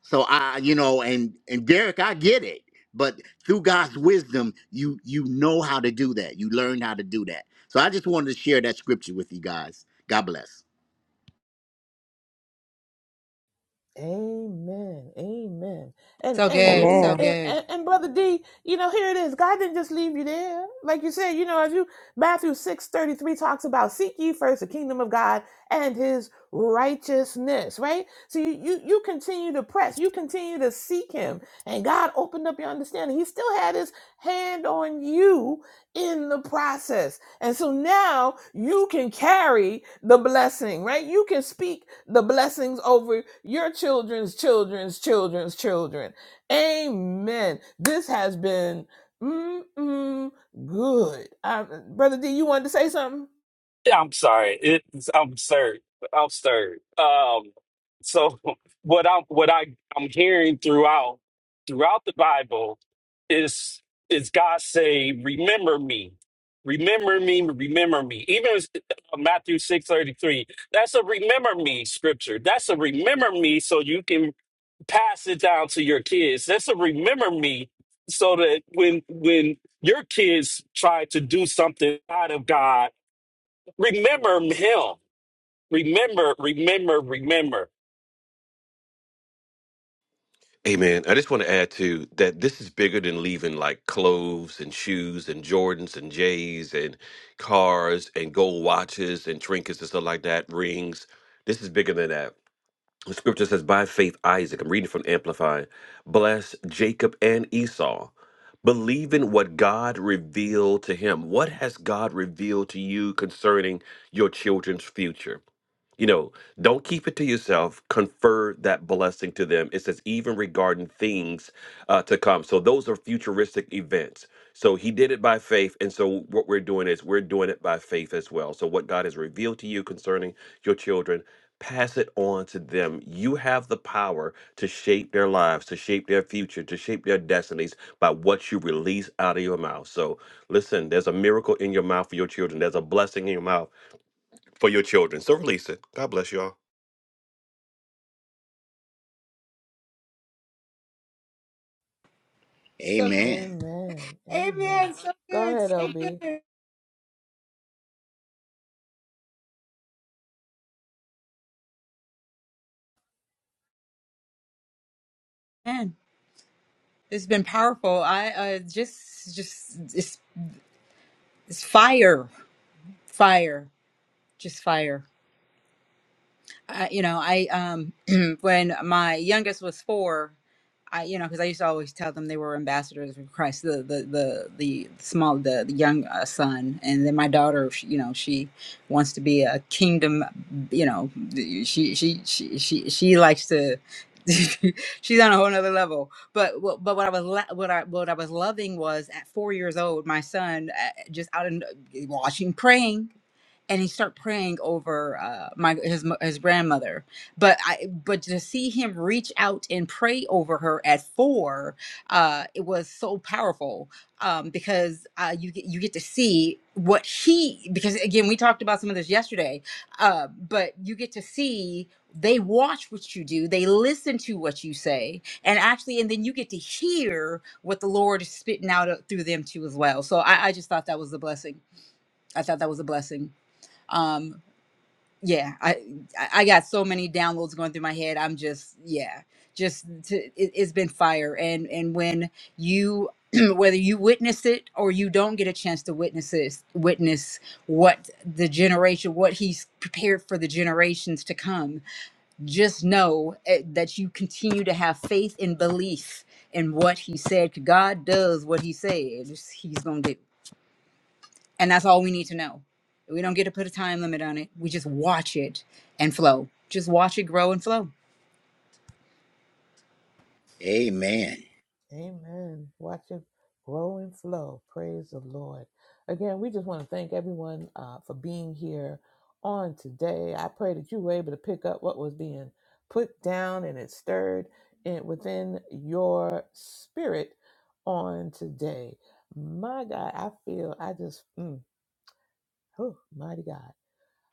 D: so I, you know, and and Derek, I get it, but through God's wisdom, you you know how to do that. You learn how to do that. So I just wanted to share that scripture with you guys. God bless.
A: Amen. Amen. And
B: So
A: and
B: good, so
G: Amen.
A: and,
B: good,
A: and, and brother D, you know, here it is. God didn't just leave you there. Like you said, you know, as you Matthew 6 33 talks about seek ye first the kingdom of God and his righteousness, right? So you you, you continue to press, you continue to seek him, and God opened up your understanding. He still had his hand on you in the process. And so now you can carry the blessing, right? You can speak the blessings over your children's children's children's children. Amen. This has been mm, mm, good. I, Brother D, you wanted to say something?
E: I'm sorry. It's I'm stirred. I'm stirred. Um, so what I'm what I I'm hearing throughout throughout the Bible is is God say, "Remember me, remember me, remember me." Even as- uh, Matthew six thirty three. That's a remember me scripture. That's a remember me, so you can pass it down to your kids. That's a remember me, so that when when your kids try to do something out of God Remember him. Remember, remember, remember.
J: Hey man, I just want to add to that this is bigger than leaving like clothes and shoes and Jordans and J's and cars and gold watches and trinkets and stuff like that, rings. This is bigger than that. The scripture says, By faith, Isaac, I'm reading from Amplify, blessed Jacob and Esau, believing what God revealed to him. What has God revealed to you concerning your children's future? You know, don't keep it to yourself. Confer that blessing to them. It says, even regarding things uh, to come. So those are futuristic events. So he did it by faith. And so what we're doing is we're doing it by faith as well. So what God has revealed to you concerning your children, pass it on to them. You have the power to shape their lives, to shape their future, to shape their destinies by what you release out of your mouth. So listen, there's a miracle in your mouth for your children, there's a blessing in your mouth for your children. So release it. God bless y'all.
B: so
D: Amen.
A: Amen. Amen.
B: amen. So
A: Go
B: good,
A: ahead,
B: so
A: LB.
B: good. Man, it's been powerful. I uh, just just It's fire, fire, just fire. I, you know, I um when my youngest was four, I you know because I used to always tell them they were ambassadors of Christ. The the the the small the, the young uh, son, and then my daughter, she, you know, she wants to be a kingdom. You know, she she she she she likes to. she's on a whole nother level but wh- but what i was la- what i what i was loving was at four years old my son uh, just out and watching praying and he started praying over uh, my his his grandmother. But I but to see him reach out and pray over her at four, uh, it was so powerful um, because uh, you get you get to see what he because again we talked about some of this yesterday, uh, but you get to see they watch what you do they listen to what you say and actually and then you get to hear what the lord is spitting out uh, through them too as well so i, I just thought that was a blessing i thought that was a blessing um yeah i i got so many downloads going through my head i'm just yeah just to, it, it's been fire and and when you whether you witness it or you don't get a chance to witness it witness what the generation what he's prepared for the generations to come just know eh, that you continue to have faith and belief in what he said. god does what he said he's gonna do and that's all we need to know. We don't get to put a time limit on it. We just watch it and flow. Just watch it grow and flow.
D: Amen.
A: Amen. Watch it grow and flow. Praise the Lord. Again, we just want to thank everyone uh, for being here on today. I pray that you were able to pick up what was being put down and it stirred in, within your spirit on today. My God, I feel, I just, mm, whew, mighty God.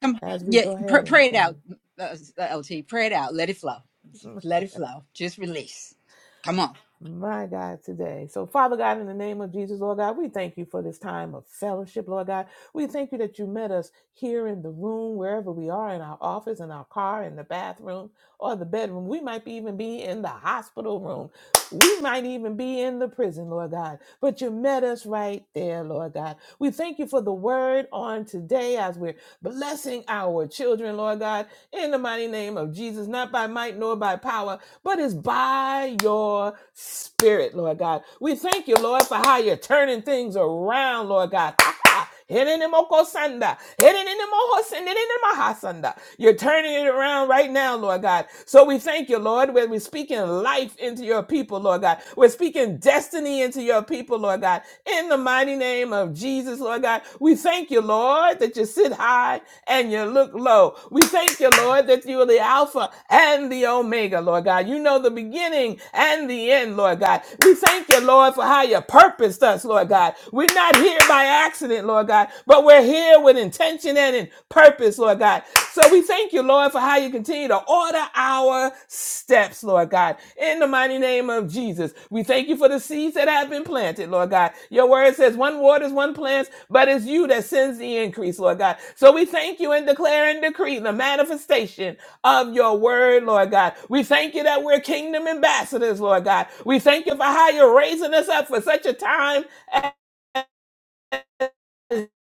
B: Come, on.
A: As we
B: yeah,
A: go
B: pr-
A: ahead
B: pray it out,
A: and,
B: uh, LT. Pray it out. Let it flow.
A: and
B: Let it flow. Just release. Come on.
A: My God, today. So, Father God, in the name of Jesus, Lord God, we thank you for this time of fellowship, Lord God. We thank you that you met us here in the room, wherever we are, in our office, in our car, in the bathroom, or the bedroom. We might even be in the hospital room. We might even be in the prison, Lord God. But you met us right there, Lord God. We thank you for the word on today as we're blessing our children, Lord God, in the mighty name of Jesus, not by might nor by power, but it's by your spirit, Lord God. We thank you, Lord, for how you're turning things around, Lord God. Henenimokosanda. Henenimohosenenenimahasanda. You're turning it around right now, Lord God. So we thank you, Lord, when we're speaking life into your people, Lord God. We're speaking destiny into your people, Lord God. In the mighty name of Jesus, Lord God, we thank you, Lord, that you sit high and you look low. We thank you, Lord, that you are the Alpha and the Omega, Lord God. You know the beginning and the end, Lord God. God. We thank you, Lord, for how you purposed us, Lord God. We're not here by accident, Lord God, but we're here with intention and in purpose, Lord God. So we thank you, Lord, for how you continue to order our steps, Lord God. In the mighty name of Jesus, we thank you for the seeds that have been planted, Lord God. Your word says one waters, one plants, but it's you that sends the increase, Lord God. So we thank you and declare and decree the manifestation of your word, Lord God. We thank you that we're kingdom ambassadors, Lord God. We thank you for how you're raising us up for such a time as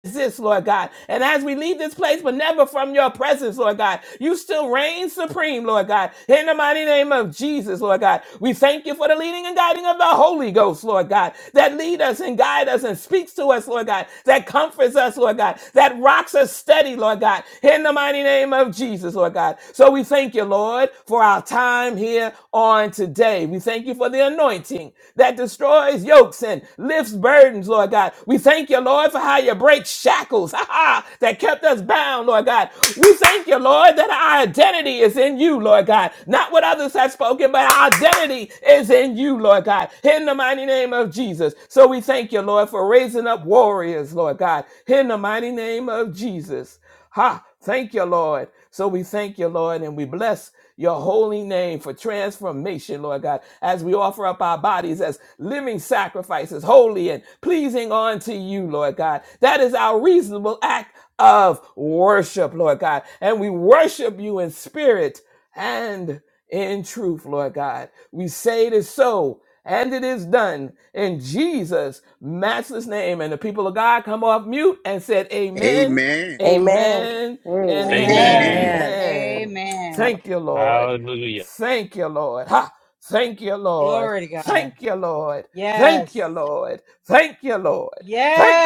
A: this, Lord God. And as we leave this place, but never from your presence, Lord God, you still reign supreme, Lord God. In the mighty name of Jesus, Lord God, we thank you for the leading and guiding of the Holy Ghost, Lord God, that lead us and guide us and speaks to us, Lord God, that comforts us, Lord God, that rocks us steady, Lord God. In the mighty name of Jesus, Lord God. So we thank you, Lord, for our time time here on today. We thank you for the anointing that destroys yokes and lifts burdens, Lord God. We thank you, Lord, for how you break shackles ha, ha, that kept us bound, Lord God. We thank you, Lord, that our identity is in you, Lord God. Not what others have spoken, but our identity is in you, Lord God. In the mighty name of Jesus. So we thank you, Lord, for raising up warriors, Lord God. In the mighty name of Jesus. Ha! Thank you, Lord. So we thank you, Lord, and we bless your holy name for transformation, Lord God, as we offer up our bodies as living sacrifices, holy and pleasing unto you, Lord God. That is our reasonable act of worship, Lord God. And we worship you in spirit and in truth, Lord God. We say it is so. And it is done in Jesus' matchless name. And the people of God come off mute and said, Amen
D: Amen.
G: Amen.
A: Amen and
B: Amen.
D: Amen.
I: Amen.
E: Amen.
F: Amen.
A: amen.
B: Amen.
G: Hallelujah.
A: Thank you, Lord.
E: Hallelujah.
A: Thank you, Lord. Ha! Thank you, Lord.
B: Glory to God.
A: Thank you, Lord. Thank you,
B: Yes.
A: Lord. Thank you, Lord.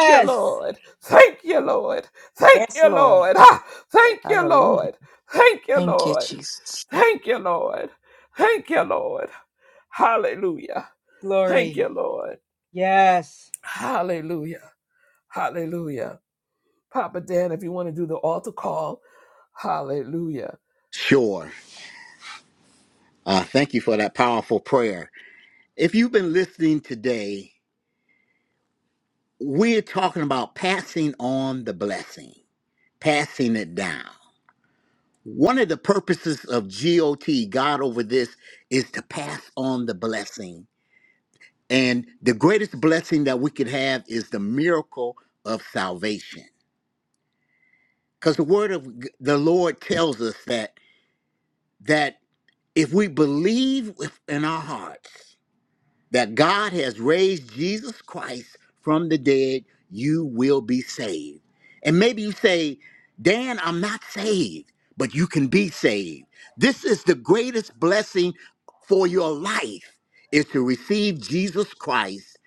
A: Thank you, Lord. Thank you, Lord. Thank you, Lord. Ha! Thank you, Lord. Thank you,
F: Thank you,
A: Lord.
F: Jesus.
A: Thank you, Lord. Thank you, Lord. Hallelujah. Thank
B: Glory.
A: you, Lord.
B: Yes.
A: Hallelujah. Hallelujah. Papa Dan, if you want to do the altar call, hallelujah.
D: Sure. Uh, thank you for that powerful prayer. If you've been listening today, we're talking about passing on the blessing, passing it down. One of the purposes of GOT, God over this, is to pass on the blessing. And the greatest blessing that we could have is the miracle of salvation. Because the word of g- the Lord tells us that that if we believe with- in our hearts that God has raised Jesus Christ from the dead, you will be saved. And maybe you say, Dan, I'm not saved, but you can be saved. This is the greatest blessing for your life is to receive Jesus Christ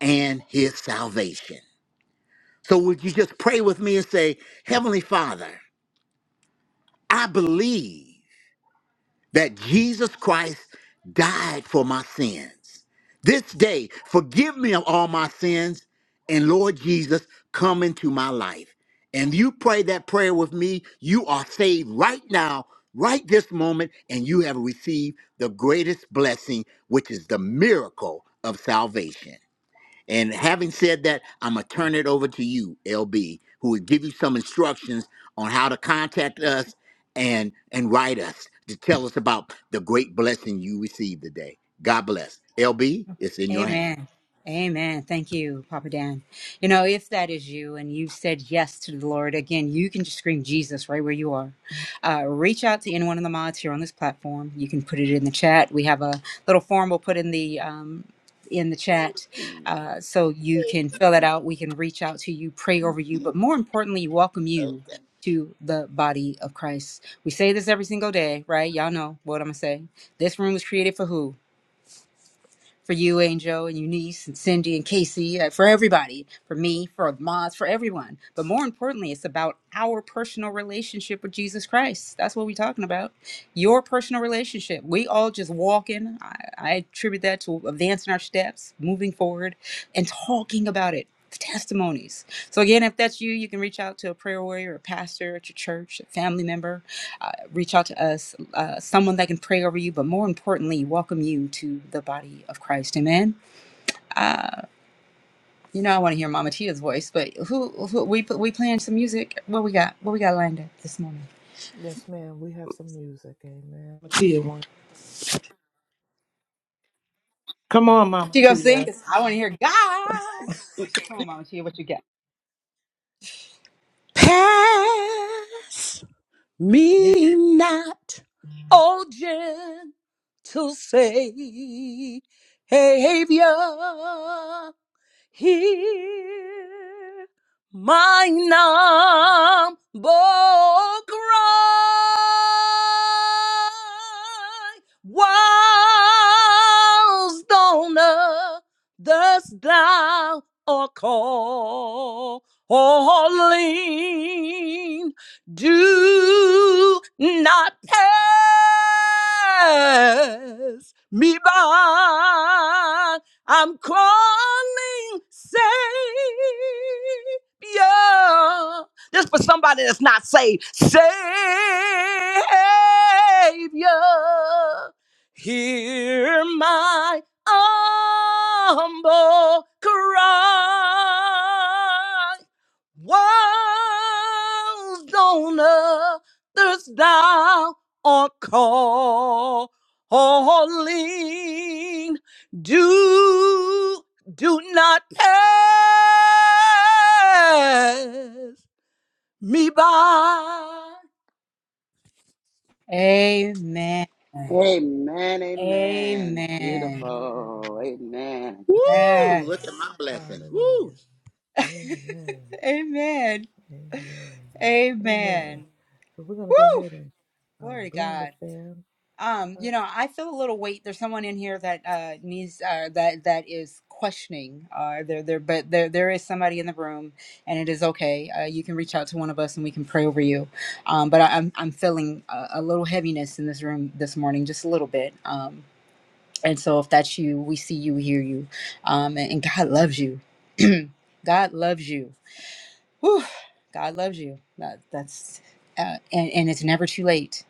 D: and his salvation. So would you just pray with me and say, Heavenly Father, I believe that Jesus Christ died for my sins. This day, forgive me of all my sins, and Lord Jesus, come into my life. And you pray that prayer with me, you are saved right now, right this moment, and you have received the greatest blessing, which is the miracle of salvation. And having said that, I'm going to turn it over to you, LB, who will give you some instructions on how to contact us and and write us to tell us about the great blessing you received today. God bless. LB, it's in your hand.
B: Amen. Amen. Thank you, Papa Dan. You know, if that is you and you said yes to the Lord, again, you can just scream Jesus right where you are. Uh, reach out to any one of the mods here on this platform. You can put it in the chat. We have a little form we'll put in the um, in the chat,
D: Woo!
B: uh, so you can fill it out. We can reach out to you, pray over you, but more importantly, welcome you to the body of Christ. We say this every single day, right? Y'all know what I'm gonna say. This room was created for who? for you, Angel, and Eunice, and Cindy, and Casey, uh, for everybody, for me, for Moz, for everyone. But more importantly, it's about our personal relationship with Jesus Christ. That's what we're talking about. Your personal relationship. We all just walking. I, I attribute that to advancing our steps, moving forward, and talking about it. Testimonies. So, again, if that's you, you can reach out to a prayer warrior, a pastor at your church, a family member, uh, reach out to us, uh, someone that can pray over you, but more importantly, welcome you to the body of Christ. Amen. You know, I want to hear Mama Tia's voice, but who, who we we playing some music? What we got? What we got lined up this morning?
A: Yes, ma'am. We have some music. Amen. Matia one.
B: She gonna sing?
A: Matia.
B: 'Cause I want to hear God. Come on, Mama Tia, what you got?
G: Pass.
B: Yeah.
G: Me not, O gentle Savior, Hear my humble cry. Whilst on earth dost thou art calling, do not pass me by. I'm calling Savior. This for somebody that's not saved. Savior, hear my humble cry. Walls don't others thou art calling. Do, do not pass me by.
B: Amen.
C: Amen. Amen.
B: Amen.
A: Amen.
C: Beautiful. Amen.
A: Thank you,
D: Look
A: Lord.
D: at
B: Yes.
D: my blessing. Woo!
A: Hallelujah. Amen.
B: Amen.
A: Amen. Amen.
B: Amen.
A: So we're going to go
B: Woo!
A: ahead and um,
B: Glory to
A: bring the
B: God.
A: fam
B: Um, you
A: up.
B: know, I feel a little weight. There's someone in here that uh needs uh that that is questioning. Uh there there but there there is somebody in the room and it is okay. Uh you can reach out to one of us and we can pray over you. Um but I, I'm I'm feeling a, a little heaviness in this room this morning, just a little bit. Um and so if that's you, we see you, we hear you. Um and, and God loves you. God loves you. Whew, God loves you. That that's uh, and, and it's never too late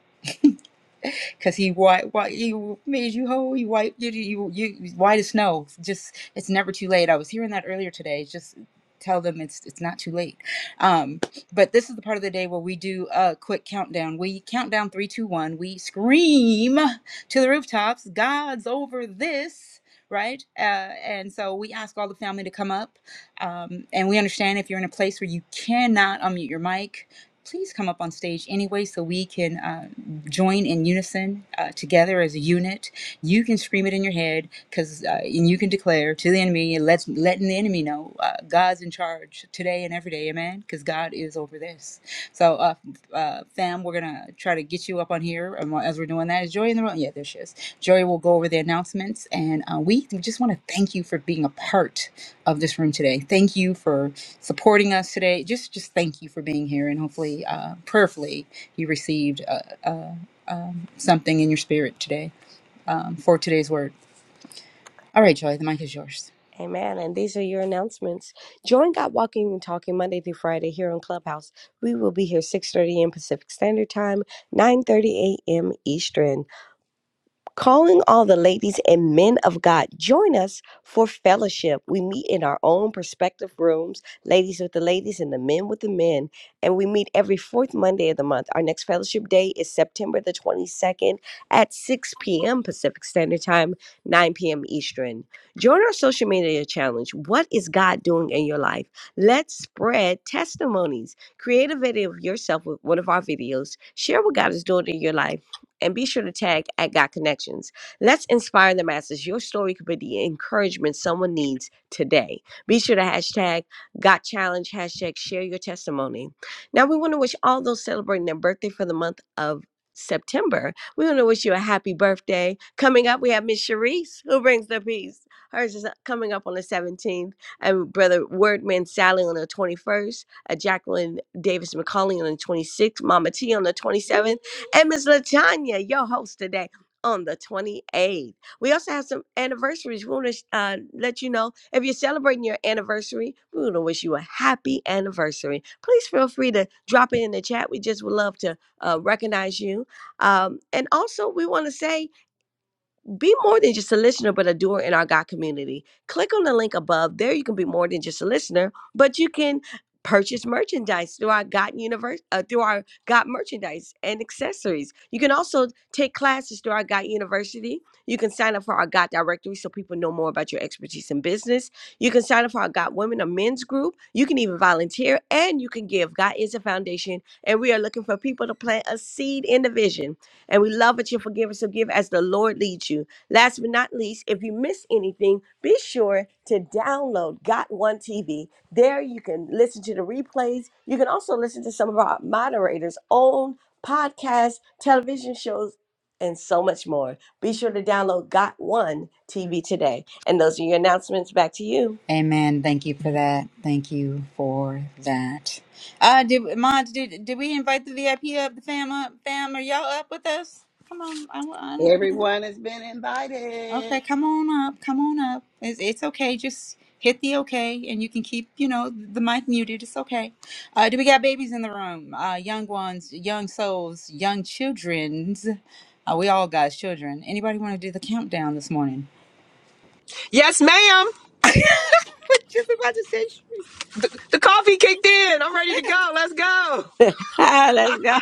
B: because he white, white, he made you whole. He white, you, you, you, white as snow. Just, it's never too late. I was hearing that earlier today. Just tell them it's it's not too late. Um, but this is the part of the day where we do a quick countdown. We count down three, two, one. We scream to the rooftops. God's over this. Right, uh, and so we ask all the family to come up, um, and we understand if you're in a place where you cannot unmute your mic, please come up on stage anyway so we can uh, join in unison uh, together as a unit. You can scream it in your head because, uh, and you can declare to the enemy, and let's letting the enemy know uh, God's in charge today and every day, amen. Because God is over this. So, uh, uh, fam, we're gonna try to get you up on here and as we're doing that. Is Joy in the room? Yeah, there she is. Joy will go over the announcements, and uh, we just want to thank you for being a part of this room today. Thank you for supporting us today. Just, just thank you for being here, and hopefully, uh, prayerfully, you received. Uh, something in your spirit today um, for today's word. All right, Joy, the mic is yours.
G: Amen. And these are your announcements. Join God Walking and Talking Monday through Friday here on Clubhouse. We will be here 6.30 a.m. Pacific Standard Time, 9.30 a.m. Eastern. Calling all the ladies and men of God, join us for fellowship. We meet in our own prospective rooms, ladies with the ladies and the men with the men, and we meet every fourth Monday of the month. Our next fellowship day is September the 22nd at 6 p.m. Pacific Standard Time, 9 p.m. Eastern. Join our social media challenge. What is God doing in your life? Let's spread testimonies. Create a video of yourself with one of our videos. Share what God is doing in your life and be sure to tag at Got Connections. Let's inspire the masses. Your story could be the encouragement someone needs today. Be sure to hashtag Got Challenge, hashtag share your testimony. Now, we want to wish all those celebrating their birthday for the month of September. We want to wish you a happy birthday. Coming up, we have Miss Sharice, who brings the peace. Hers is coming up on the 17th, and Brother Wordman Sally on the 21st, a Jacqueline Davis McCauley on the 26th, Mama T on the 27th, and Miss Latanya, your host today on the 28th. We also have some anniversaries. We want to uh, let you know if you're celebrating your anniversary, we want to wish you a happy anniversary. Please feel free to drop it in the chat. We just would love to uh, recognize you. Um, and also, we want to say, be more than just a listener, but a doer in our God community. Click on the link above. There, you can be more than just a listener, but you can purchase merchandise through our God universe, uh, through our God merchandise and accessories. You can also take classes through our God University. You can sign up for our God directory so people know more about your expertise in business. You can sign up for our God Women or Men's group. You can even volunteer, and you can give. God is a foundation, and we are looking for people to plant a seed in the vision. And we love that you forgive us. So give as the Lord leads you. Last but not least, if you miss anything, be sure to download Got One TV. There you can listen to the replays. You can also listen to some of our moderators' own podcasts, television shows, and so much more. Be sure to download Got One TV today. And those are your announcements. Back to you.
B: Amen. Thank you for that. Thank you for that. Uh, did Mons, did, did we invite the VIP up, the fam up? Fam, are y'all up with us? Come on. I, want- I don't.
C: Everyone has been
B: Okay,
C: invited.
B: come on up. Come on up. It's, it's okay. Just hit the okay, and you can keep, you know, the mic muted. It's okay. Uh, do we got babies in the room? Uh, young ones, young souls, young childrens. Uh, we all got children. Anybody want to do the countdown this morning?
I: Yes, ma'am.
B: We're just about to say Sharice.
I: The, the coffee kicked in. I'm ready to go. Let's go.
G: Let's go.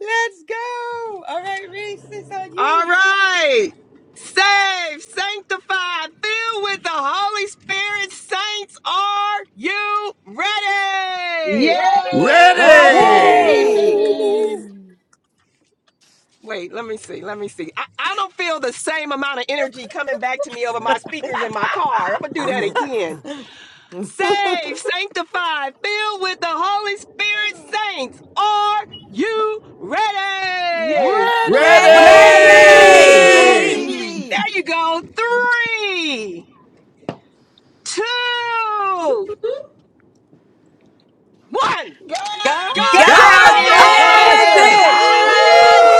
B: Let's go. All right, Reese, it's on
I: All
B: you.
I: right. Saved, sanctified, filled with the Holy Spirit. Saints, are you ready?
C: Yes,
K: Ready,
C: we're
D: Ready!
C: ready,
B: Ready!
L: Ready.
C: Simmons.
A: Ready.
I: Wait, let me see. Let me see. I, I don't feel the same amount of energy coming back to me over my speakers in my car. I'm going to do that
L: ready.
I: again. saved, sanctified, filled with the Holy Spirit saints. Are you ready?
C: Yes,
A: Ready.
C: we're
G: Ready?
K: ready,
C: ready,
B: Ready!
C: Simmons.
D: Ready!
L: Ready.
I: There you go. Three, two, one.
C: God
F: God's
I: God's
B: God's
L: God
I: over
D: God's
G: God's
F: over
B: over
L: is
D: over
C: is over this.
G: over
L: over
I: this.
F: this.
D: this!
G: this.
I: Hallelujah.
D: Woo!
L: this.
F: Because I'm
B: this!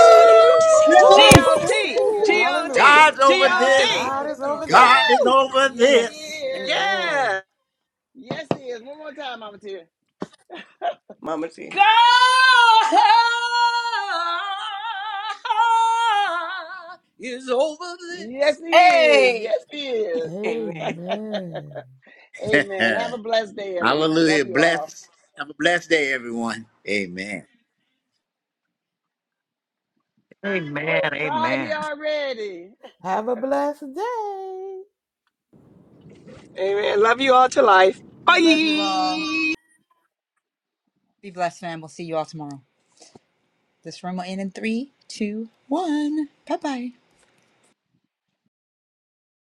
L: Woo!
B: Release!
I: G-O-T,
C: Thank you,
F: ready.
K: ready.
I: G-O-T,
C: Lord.
L: Hallelujah.
D: God's over
F: God's
D: this!
I: G-O-T.
C: God
L: God
F: over
L: is
C: is
L: over
F: this.
C: over
D: God
L: this.
D: is
C: this.
I: Woo!
D: over
C: Yes, He
F: Yes.
D: this.
C: is.
L: Amen.
I: Yeah.
C: Yes, He is. One more time, Mama Tia.
G: Mama T. God is over
C: Yes,
G: this.
C: He is.
B: Hey,
C: Yes, He is.
G: Amen.
A: Amen.
C: Amen. Have a blessed day, everyone. Love
D: Hallelujah.
C: you all.
D: Bless. Have a blessed day, everyone. Amen.
M: Amen.
C: Oh, Friday
M: Amen.
C: already.
A: Have a blessed day.
I: Amen. Love you all to life.
B: we love you all.
I: Bye.
B: Be blessed, fam. We'll see you all tomorrow. This room will end in three, two, one. Bye bye.